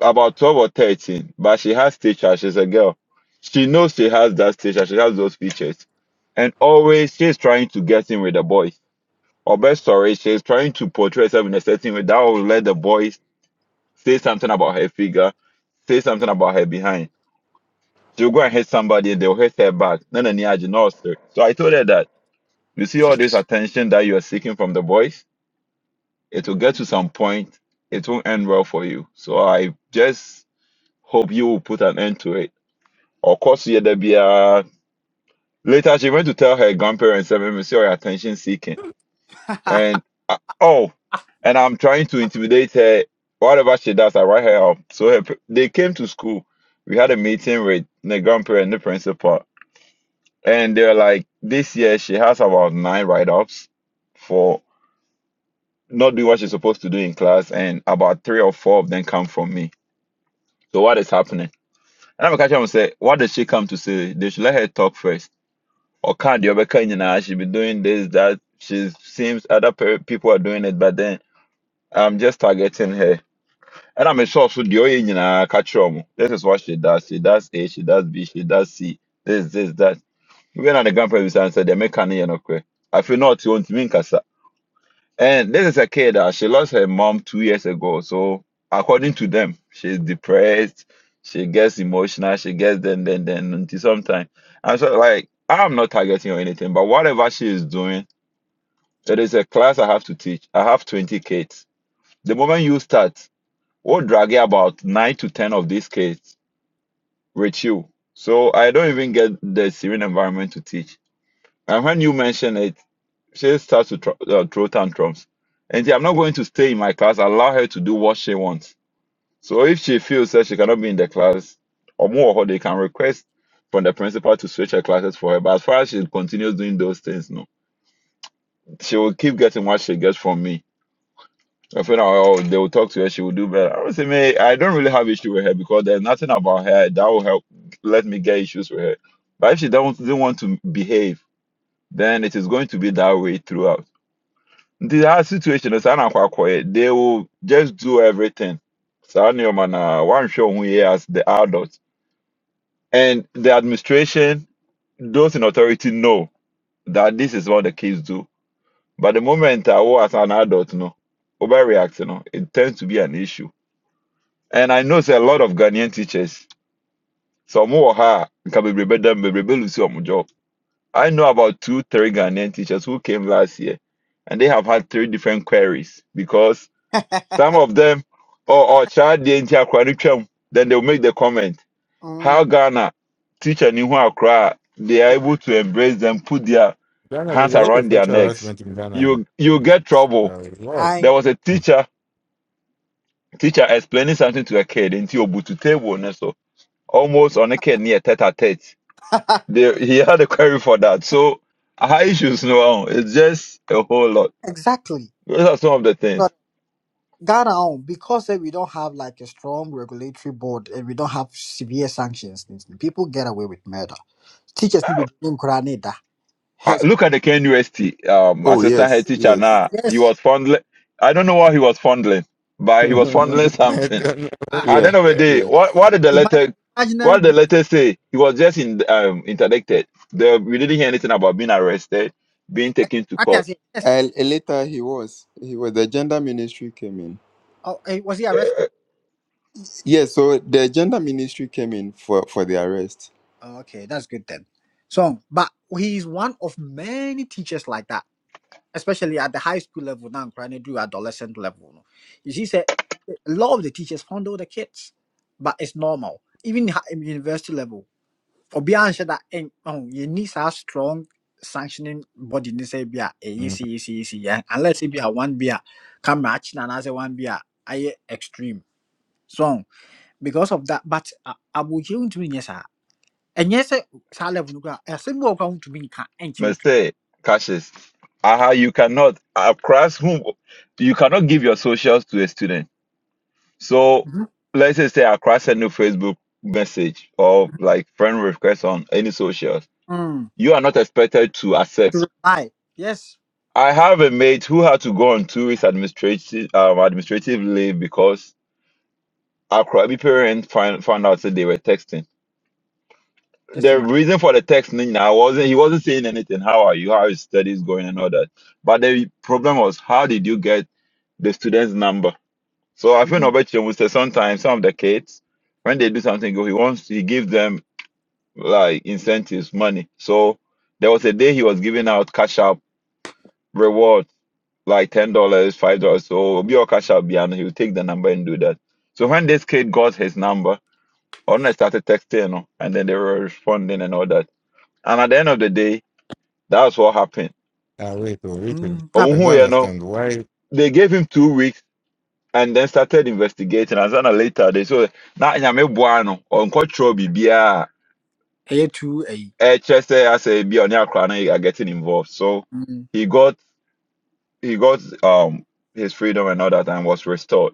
[SPEAKER 7] about twelve or thirteen, but she has teacher. She's a girl. She knows she has that teacher. She has those features, and always she's trying to get in with the boys. Or best story, she's trying to portray herself in a certain way that will let the boys say something about her figure, say something about her behind. She'll go and hit somebody and they'll hit her back. None of the So I told her that you see all this attention that you are seeking from the boys it will get to some point, it won't end well for you. So I just hope you will put an end to it. Of course, yeah, there be a later. She went to tell her grandparents that maybe she sorry. attention seeking,
[SPEAKER 1] exa-
[SPEAKER 7] and uh, oh, and I'm trying to intimidate her. Whatever she does, I write her up. So her, they came to school. We had a meeting with the grandparent and the principal, and they're like, this year she has about nine write-ups for not doing what she's supposed to do in class, and about three or four of them come from me. So what is happening? And I'm catching him and say, what does she come to say? They should let her talk first. Or can't the other kind now? She be doing this, that. She seems other pe- people are doing it, but then I'm just targeting her. And I'm sure so the only you know, catch him? This is what she does. She does A, she does B, she does C. This, this, that. Even at the grandpa, we said, they make an you know, I feel not you want to mean and this is a kid that she lost her mom two years ago. So according to them, she's depressed. She gets emotional. She gets then then then until sometime. And so like I'm not targeting or anything, but whatever she is doing, it is a class I have to teach. I have 20 kids. The moment you start, we'll drag about nine to ten of these kids with you. So I don't even get the serene environment to teach. And when you mention it, she starts to tr- uh, throw tantrums. And I'm not going to stay in my class. Allow her to do what she wants. So if she feels that she cannot be in the class, or more, or they can request from the principal to switch her classes for her. But as far as she continues doing those things, no, she will keep getting what she gets from me. I feel like, oh, they will talk to her. She will do better. I would say, man, I don't really have issue with her because there's nothing about her that will help let me get issues with her. But if she do not doesn't want to behave, then it is going to be that way throughout. nti saa situation no saa na akɔ akɔyɛ they will just do everything saa nneɛma na wɔanhwɛ wo ho yie as the adults and the administration those in authority know that this is what the kids do but the moment I was as an adult no overreact no it tends to be an issue and i know say a lot of ghanaian teachers some wɔ ha a nka bebrebe dɛm bebrebe lose wɔn job i know about two three ghanaian teachers who came last year and they have had three different queries because Some of them, or or child the entire curriculum, then they'll make the comment how
[SPEAKER 1] mm,
[SPEAKER 7] Ghana teacher Nihu Accra they are able to embrace them, put their
[SPEAKER 4] Ghana, there's
[SPEAKER 7] hands
[SPEAKER 4] a lot of
[SPEAKER 7] around their
[SPEAKER 4] sexual
[SPEAKER 7] necks.
[SPEAKER 4] harassment in Ghana. and,
[SPEAKER 7] You you get trouble.
[SPEAKER 4] Uh, Lord.
[SPEAKER 7] There
[SPEAKER 1] I
[SPEAKER 7] was a teacher teacher explaining something to a kid in Tiobutu table, and so almost on a kid near tete a tete. They, he had a query for that. So high issues no, it's just a whole lot.
[SPEAKER 1] exactly.
[SPEAKER 7] Those are some of the things.
[SPEAKER 1] But Ghana on because eh, we don't have like a strong regulatory board and we don't have severe sanctions. things, People get away with murder. Teachers need to be in
[SPEAKER 7] Uh,
[SPEAKER 1] Yes.
[SPEAKER 7] look at the KNUST um,
[SPEAKER 2] Oh
[SPEAKER 7] assistant
[SPEAKER 2] yes,
[SPEAKER 7] head teacher
[SPEAKER 2] yes,
[SPEAKER 7] now. He
[SPEAKER 1] yes.
[SPEAKER 7] was fondling. I don't know what he was fondling, but he was fondling
[SPEAKER 4] I
[SPEAKER 7] something.
[SPEAKER 4] don't
[SPEAKER 1] ah,
[SPEAKER 7] At the
[SPEAKER 2] yeah,
[SPEAKER 7] end of the day,
[SPEAKER 2] yeah.
[SPEAKER 7] what what did the
[SPEAKER 1] Imag-
[SPEAKER 7] letter
[SPEAKER 1] imaginary
[SPEAKER 7] what did the
[SPEAKER 1] book.
[SPEAKER 7] letter say? He was just in, um, interdicted. The, we didn't hear anything about being arrested, being taken to
[SPEAKER 1] What I
[SPEAKER 7] court.
[SPEAKER 1] say? Yes.
[SPEAKER 2] And later he was, he was. The gender ministry came in.
[SPEAKER 1] Oh, eh, was he arrested?
[SPEAKER 2] Yes, so the gender ministry came in for for the arrest.
[SPEAKER 1] Oh, okay, that's good then. So, but he is one of many teachers like that, especially at the high school level now, trying to do adolescent level. no. You see, say, eh, a lot of the teachers fondle the kids, but it's normal. Even ha- in university level, for beyond that, eh, oh, you need a strong sanctioning body. They say, be a
[SPEAKER 4] know.
[SPEAKER 1] easy, easy, easy, yeah. Unless it be a one be a match, and as a one be a I extreme. So, because of that but abotire ntumi nyɛ saa ɛnyɛ sɛ saa level no kora ɛsɛm bi wɔ hɔ koraa a wontumi nka ɛnkyɛ wo so
[SPEAKER 7] Mr. Cassius, aha, you cannot across whom you cannot give your socials to a student. So
[SPEAKER 1] Mhm.
[SPEAKER 7] let's just say across a new Facebook message or like friend request on any socials
[SPEAKER 1] Mm,
[SPEAKER 7] you are not expected to accept.
[SPEAKER 1] to reply yes
[SPEAKER 7] I have a mate who had to go on two weeks administrative um, administrative leave because our crabby parents find, found out that they were texting.
[SPEAKER 1] just
[SPEAKER 7] The
[SPEAKER 1] ima
[SPEAKER 7] reason for the texting now wasn't he wasn't saying anything. How are you? How is studies going and all that? But the problem was how did you get the student's number? So I feel
[SPEAKER 1] Mm,
[SPEAKER 7] Nobechi would say sometimes some of the kids when they do something good, he wants he gives them like incentives, money. So there was a day he was giving out cash up rewards like ten dollars, five dollars. So Obi or Cash App be and he'll take the number and do that. So when this kid got his number, Ona started texting, you know, and then they were responding and all that. And at the end of the day, that's what happened.
[SPEAKER 4] Ah, wait, oh, wait, oh.
[SPEAKER 1] mm na
[SPEAKER 7] Oh,
[SPEAKER 4] I
[SPEAKER 1] bɛtɔ
[SPEAKER 7] who,
[SPEAKER 4] don't
[SPEAKER 7] you know,
[SPEAKER 4] understand why.
[SPEAKER 7] they gave him two weeks and then started investigating. And then later they saw now nyame boa no ɔnkɔtwerɛ biribiaa
[SPEAKER 1] ɛyɛ tu ayi
[SPEAKER 7] ɛkyɛ sɛ asɛ bi a ɔne akora no are getting involved so
[SPEAKER 1] Mm,
[SPEAKER 7] he got he got um his freedom and all that and was restored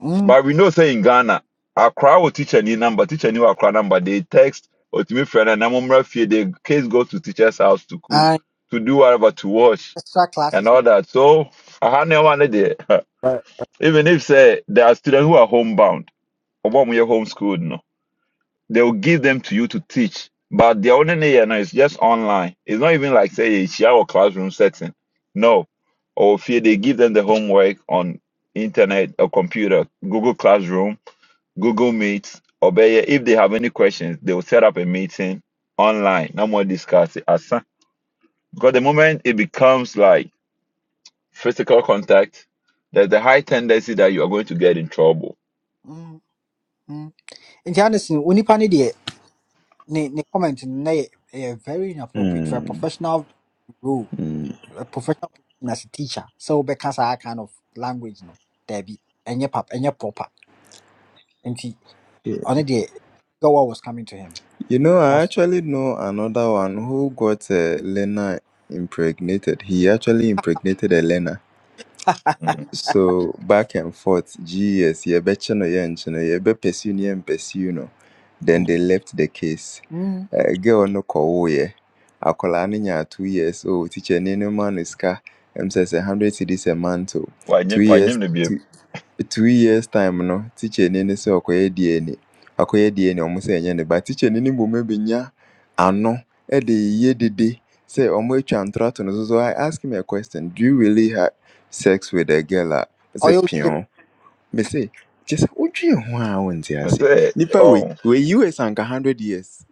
[SPEAKER 1] mm,
[SPEAKER 7] But we know say in Ghana, Accra will teach any number, teach any Accra number. They text or to me friend and I'm fear the case goes to teacher's house to cook,
[SPEAKER 1] and
[SPEAKER 7] to do whatever, to wash
[SPEAKER 1] extra
[SPEAKER 7] and
[SPEAKER 1] classes no
[SPEAKER 7] all that. So I had no one there.
[SPEAKER 4] But
[SPEAKER 7] Even if say there are students who are homebound or when we are homeschooled, no, they will give them to you to teach. But the only thing now is just online. It's not even like say a or classroom setting. No. Or fear they give them the homework on internet or computer, Google Classroom Google Meet, or but yeah, if they have any questions, they will set up a meeting online. No more discuss it. asa. because the moment it becomes like physical contact, there's a high tendency that you are going to get in trouble.
[SPEAKER 1] Mm, mm. nti anderson onipa no deɛ ne ne comment no na yɛ ɛyɛ very inappropriate for a professional role
[SPEAKER 2] Mm.
[SPEAKER 1] a professional position as a teacher sɛ wobɛka saa kind of language no daabi ɛnyɛ pap ɛnyɛ proper
[SPEAKER 2] Yeah.
[SPEAKER 1] ɔno the God was coming to him.
[SPEAKER 2] You know, I
[SPEAKER 1] That's
[SPEAKER 2] actually know another one who got uh, Lena impregnated. He actually impregnated Elena.
[SPEAKER 7] Mhm.
[SPEAKER 2] So back and forth, GS, yebechino yenchino, yebe pursue ni pursue no. Then
[SPEAKER 1] mm.
[SPEAKER 2] they left the case.
[SPEAKER 1] Mm.
[SPEAKER 2] Uh, girl no kowoye. Akola ni nya two years old. Teacher ni no man is ka. Em says a hundred cedis a month. oh.
[SPEAKER 7] Why
[SPEAKER 2] Two
[SPEAKER 7] nyim- why
[SPEAKER 2] years.
[SPEAKER 7] nyim ne biem?
[SPEAKER 2] two years time no tikyani ne se okoye DNA Okoye DNA ɔmo se ɛnyɛ ne ba tikyani ni mmom abɛnya ano ɛde yɛ dede sɛ ɔmo atwa ntora to no so so I ask him a question do you really have sex with a girl a ɔsɛ
[SPEAKER 1] ɔyɛ osu
[SPEAKER 2] pio mese kyɛ sɛ wodwee ho a wonte
[SPEAKER 7] I
[SPEAKER 2] aseɛ
[SPEAKER 7] say,
[SPEAKER 2] nipa we
[SPEAKER 7] oh,
[SPEAKER 2] we US anka hundred years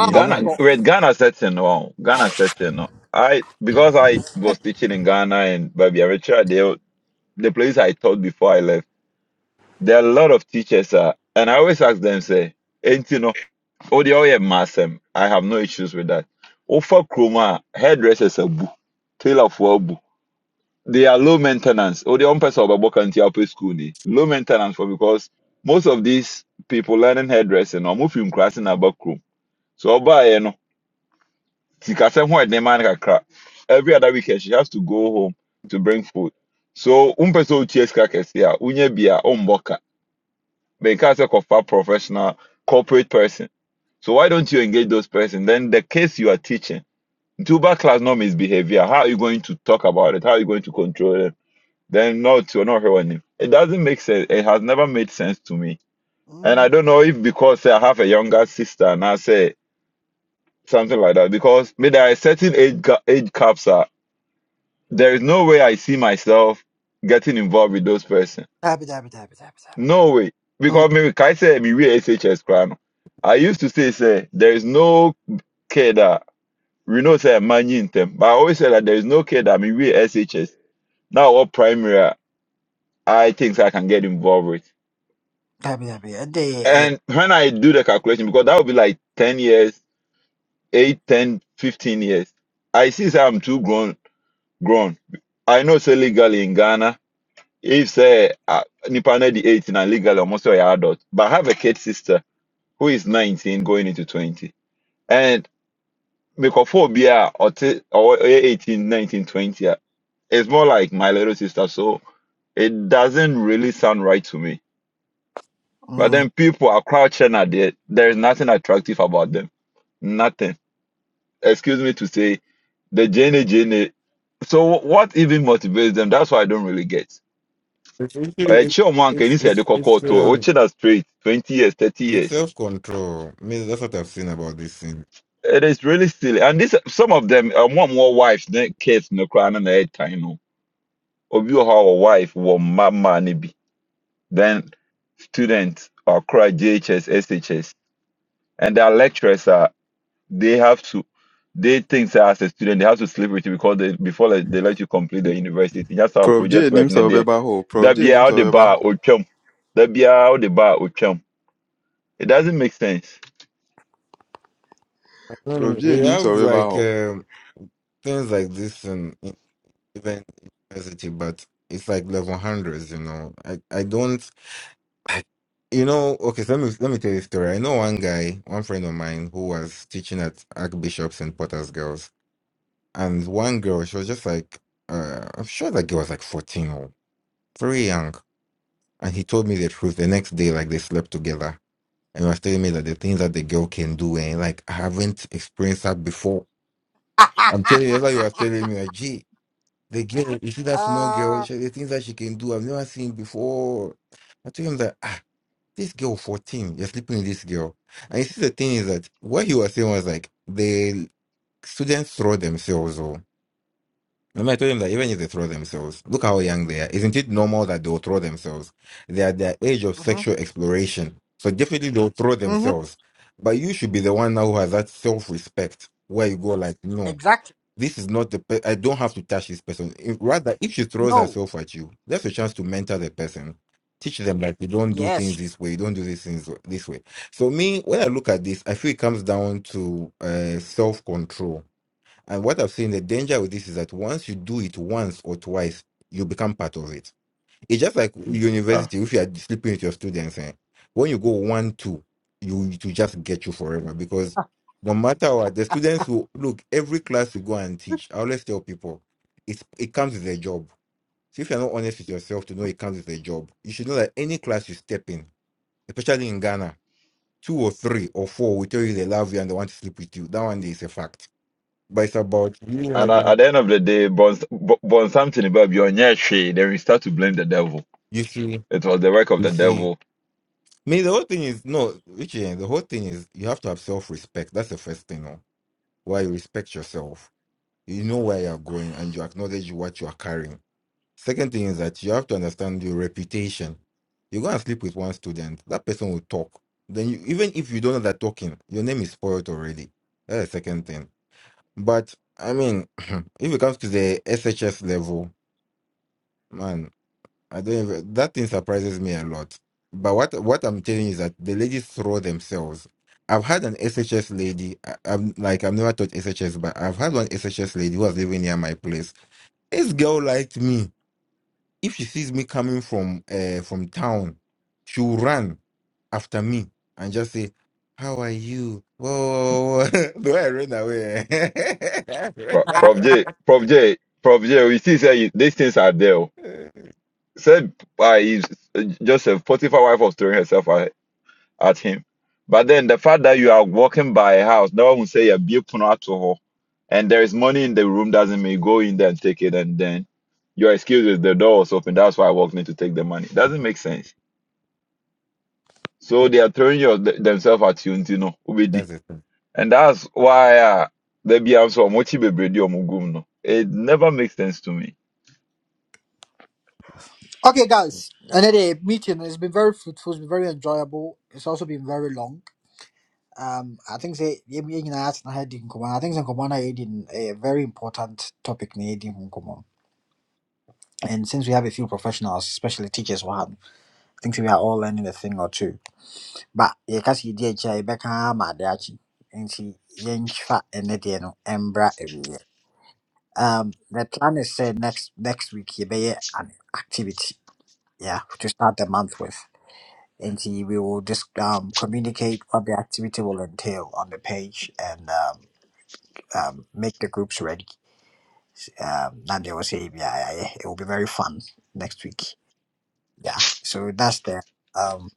[SPEAKER 1] a
[SPEAKER 2] in
[SPEAKER 7] Ghana,
[SPEAKER 1] ɔbɛkɔ
[SPEAKER 2] life
[SPEAKER 7] wait, Ghana setting, oh, Ghana setting. oh. I because I was teaching in Ghana and Baby Richard, they, the place I taught before I left, there are a lot of teachers, uh, and I always ask them, say, Oh, the oil masem. I have no issues with that. Offer chroma hairdressers abu, tailor for abu. They are low maintenance. Oh, the one person of Aboka and Tiape school ni low maintenance for because most of these people learning hairdressing or moving crossing about chrome. So oba you know, tikasem ho edema na kakra. Every other weekend she has to go home to bring food. So um person utie ska kese a unye bia but you can't say a professional corporate person. So why don't you engage those person? Then the case you are teaching, tuber class no misbehavior. How are you going to talk about it? How are you going to control it? Then not you're not hearing him. It doesn't make sense. It has never made sense to me. And
[SPEAKER 1] Mm.
[SPEAKER 7] I don't know if because say, I have a younger sister and I say something like that. Because me there are certain age age caps are there is no way I see myself getting involved with those person
[SPEAKER 1] daabi daabi daabi daabi daabi
[SPEAKER 7] No way.
[SPEAKER 1] Mm.
[SPEAKER 7] Because maybe can I say me we SHS crown. I used to say say there is no care that we know say man in them. But I always say that there is no care that me we SHS. Now what primary are- I think I can get involved with.
[SPEAKER 1] daabi daabi ɛdɛ yɛ ɛyɛ
[SPEAKER 7] And when I do the calculation, because that would be like 10 years, 8, 10, 15 years. I see say I'm too grown grown. I know say legally in Ghana, if say uh, Nipa na the 18 and legally almost say you're adult. But I have a kid sister who is 19 going into 20 and mekɔfo obi a or ɔwɔ ɔyɛ 18 19 20 uh, it's more like my little sister so it doesn't really sound right to me but
[SPEAKER 1] Mm.
[SPEAKER 7] then people are crouching at there there is nothing attractive about them nothing excuse me to say the jene jene so what even motivates them that's what i don't really get
[SPEAKER 4] it's it's it's
[SPEAKER 7] ɛkyi ɔmo anka ɛni
[SPEAKER 4] it's
[SPEAKER 7] sɛ ɛde
[SPEAKER 4] it's, it's
[SPEAKER 7] kɔkɔɔ to
[SPEAKER 4] um
[SPEAKER 7] watching us straight 20 years 30
[SPEAKER 4] it's
[SPEAKER 7] years
[SPEAKER 4] self control. I mean, that's what I've seen about this thing.
[SPEAKER 7] It is really silly. And this some of them um, want more wives than kids no crying on the head time. No. Of you have a wife will mama nibi. Then students or cry JHS, SHS. And their lecturers are they have to they think say, as a student they have to sleep with you because they before they, they let you complete the university. That's how
[SPEAKER 2] Prof
[SPEAKER 7] project
[SPEAKER 2] J nim
[SPEAKER 7] work na
[SPEAKER 2] sɛ
[SPEAKER 7] there.
[SPEAKER 2] ɔbɛba hɔ o. Prof
[SPEAKER 7] That
[SPEAKER 2] J
[SPEAKER 7] be
[SPEAKER 2] nim
[SPEAKER 7] how
[SPEAKER 2] sɛ
[SPEAKER 7] the
[SPEAKER 2] ɔbɛba
[SPEAKER 7] bar
[SPEAKER 2] hɔ
[SPEAKER 7] or chum. That be how the bar or chum. It doesn't make sense.
[SPEAKER 2] Prof
[SPEAKER 4] Mm, we
[SPEAKER 2] J nim sɛ
[SPEAKER 4] have
[SPEAKER 2] ɔbɛba
[SPEAKER 4] like
[SPEAKER 2] hɔ
[SPEAKER 4] um, things like this in, in even university, but it's like level hundreds. You know, I I don't. I, you know, okay. So let me let me tell you a story. I know one guy, one friend of mine, who was teaching at Archbishop's and Potter's Girls, and one girl, she was just like, uh, I'm sure that girl was like 14 or very young And he told me the truth the next day, like they slept together. And he was telling me that the things that the girl can do, and like I haven't experienced that before. I'm telling you, that's why he was telling me, like, gee, the girl, you see that small
[SPEAKER 1] Ah.
[SPEAKER 4] girl, she, the things that she can do, I've never seen before. I told him that, ah, this girl, 14, you're sleeping with this girl. And you see, the thing is that what he was saying was like, the students throw themselves, oh. And I told them that even if they throw themselves, look how young they are. Isn't it normal that they'll throw themselves? They're at their age of
[SPEAKER 1] Mm-hmm.
[SPEAKER 4] sexual exploration. So definitely they'll throw
[SPEAKER 1] Mm-hmm.
[SPEAKER 4] themselves. But you should be the one now who has that self respect where you go, like, no,
[SPEAKER 1] Exactly.
[SPEAKER 4] this is not the, pe- I don't have to touch this person. If- Rather, if she throws
[SPEAKER 1] No.
[SPEAKER 4] herself at you, that's a chance to mentor the person. Teach them that you don't do things
[SPEAKER 1] Yes.
[SPEAKER 4] this way, you don't do these things this way. So, me, when I look at this, I feel it comes down to uh, self control and what I've seen, the danger with this is that once you do it once or twice, you become part of it. It's just like
[SPEAKER 7] Ah.
[SPEAKER 4] university. If you are sleeping with your students, eh, when you go one, two, you it will just get you forever because no matter what, the students will look. Every class you go and teach, I always tell people, it's it comes with a job. So if you're not honest with yourself to know it comes with a job, you should know that any class you step in, especially in Ghana, two or three or four will tell you they love you and they want to sleep with you. That one is a fact. But it's about you
[SPEAKER 7] And at,
[SPEAKER 4] having
[SPEAKER 7] at the end of the day, bon, bon, bon something about your shade, then we start to blame the devil.
[SPEAKER 4] You see,
[SPEAKER 7] It was the work of
[SPEAKER 4] you
[SPEAKER 7] the
[SPEAKER 4] see.
[SPEAKER 7] devil.
[SPEAKER 4] Me, the whole thing is no, Richie. eh, The whole thing is you have to have self-respect. That's the first thing. No? Why you respect yourself, you know where you are going, and you acknowledge what you are carrying. Second thing is that you have to understand your reputation. You go and sleep with one student, that person will talk. Then you, even if you don't know that talking, your name is spoiled already. That's the second thing. But I mean, if it comes to the SHS level, man, I don't even, that thing surprises me a lot. But what what I'm telling you is that the ladies throw themselves. I've had an SHS lady. I, I'm like I've never taught SHS, but I've had one SHS lady who was living near my place. This girl liked me. If she sees me coming from uh, from town, she will run after me and just say, "How are you?" Whoa,
[SPEAKER 7] Mm.
[SPEAKER 4] whoa, whoa. do I run away?
[SPEAKER 7] Pro- Prof J, Prof J, Prof J, we see say you- these things are there. oh. Said by Joseph, Potiphar wife was throwing herself at, at him. But then the fact that you are walking by a house, no one will say you're beautiful alcohol, and there is money in the room doesn't mean you go in there and take it and then your excuse is the door was open. That's why I walked in to take the money. Doesn't make sense. So they are throwing your, th- themselves at you, you know, Ubedi.
[SPEAKER 4] That's it. All
[SPEAKER 7] And that's why uh, they be also Mochi Bebredi or Mugum. No. It never makes sense to me.
[SPEAKER 1] Okay, guys, another meeting. It's been very fruitful. It's been very enjoyable. It's also been very long. Um, I think say yemi yeng na ask na head in common. I think Nkomana in a very important topic na head in common. And since we have a few professionals, especially teachers, one, I think say we are all learning a thing or two. But yeah, kasi di echa ibeka madachi. And Nti yenchfa enedi no embra ebiye. Um, the plan is said next next week You be yeah, an activity. Yeah, to start the month with. and he will just um, communicate what the activity will entail on the page and um, um, make the groups ready. Um, and they will say, yeah, yeah, yeah, it will be very fun next week. Yeah, so that's the um,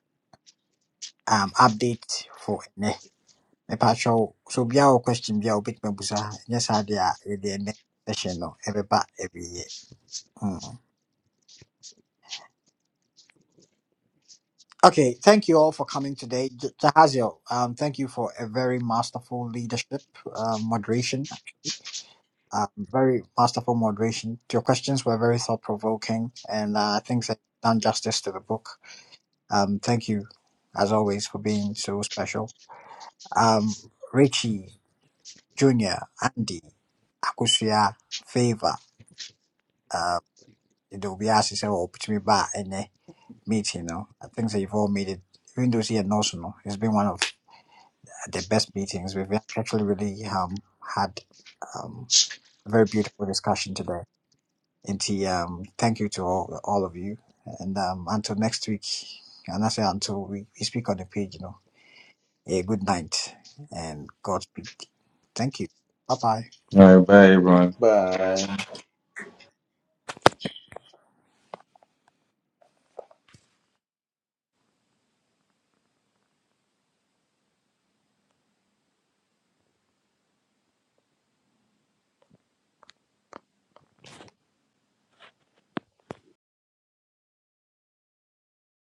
[SPEAKER 1] um, update for me. Mepacho, so be our question, be our bit membusa. Yes, I did the next session, no, every part, every year. Mm. Okay, thank you all for coming today. J- Jahazio, um, thank you for a very masterful leadership, uh, moderation. um, very masterful moderation. Your questions were very thought provoking, and uh, I think they've done justice to the book. Um, thank you, as always, for being so special. Um, Richie, Junior, Andy, Akusia, Favor, uh, it'll be asked to say, well, put meeting, you know. I think that you've all made it. Even though here knows, you know, it's been one of the best meetings. We've actually really um, had um, a very beautiful discussion today. And um, thank you to all, all of you. And um, until next week, and I say until we, we speak on the page, you know, a good night and Godspeed. Thank you. Bye bye.
[SPEAKER 4] right, bye, everyone.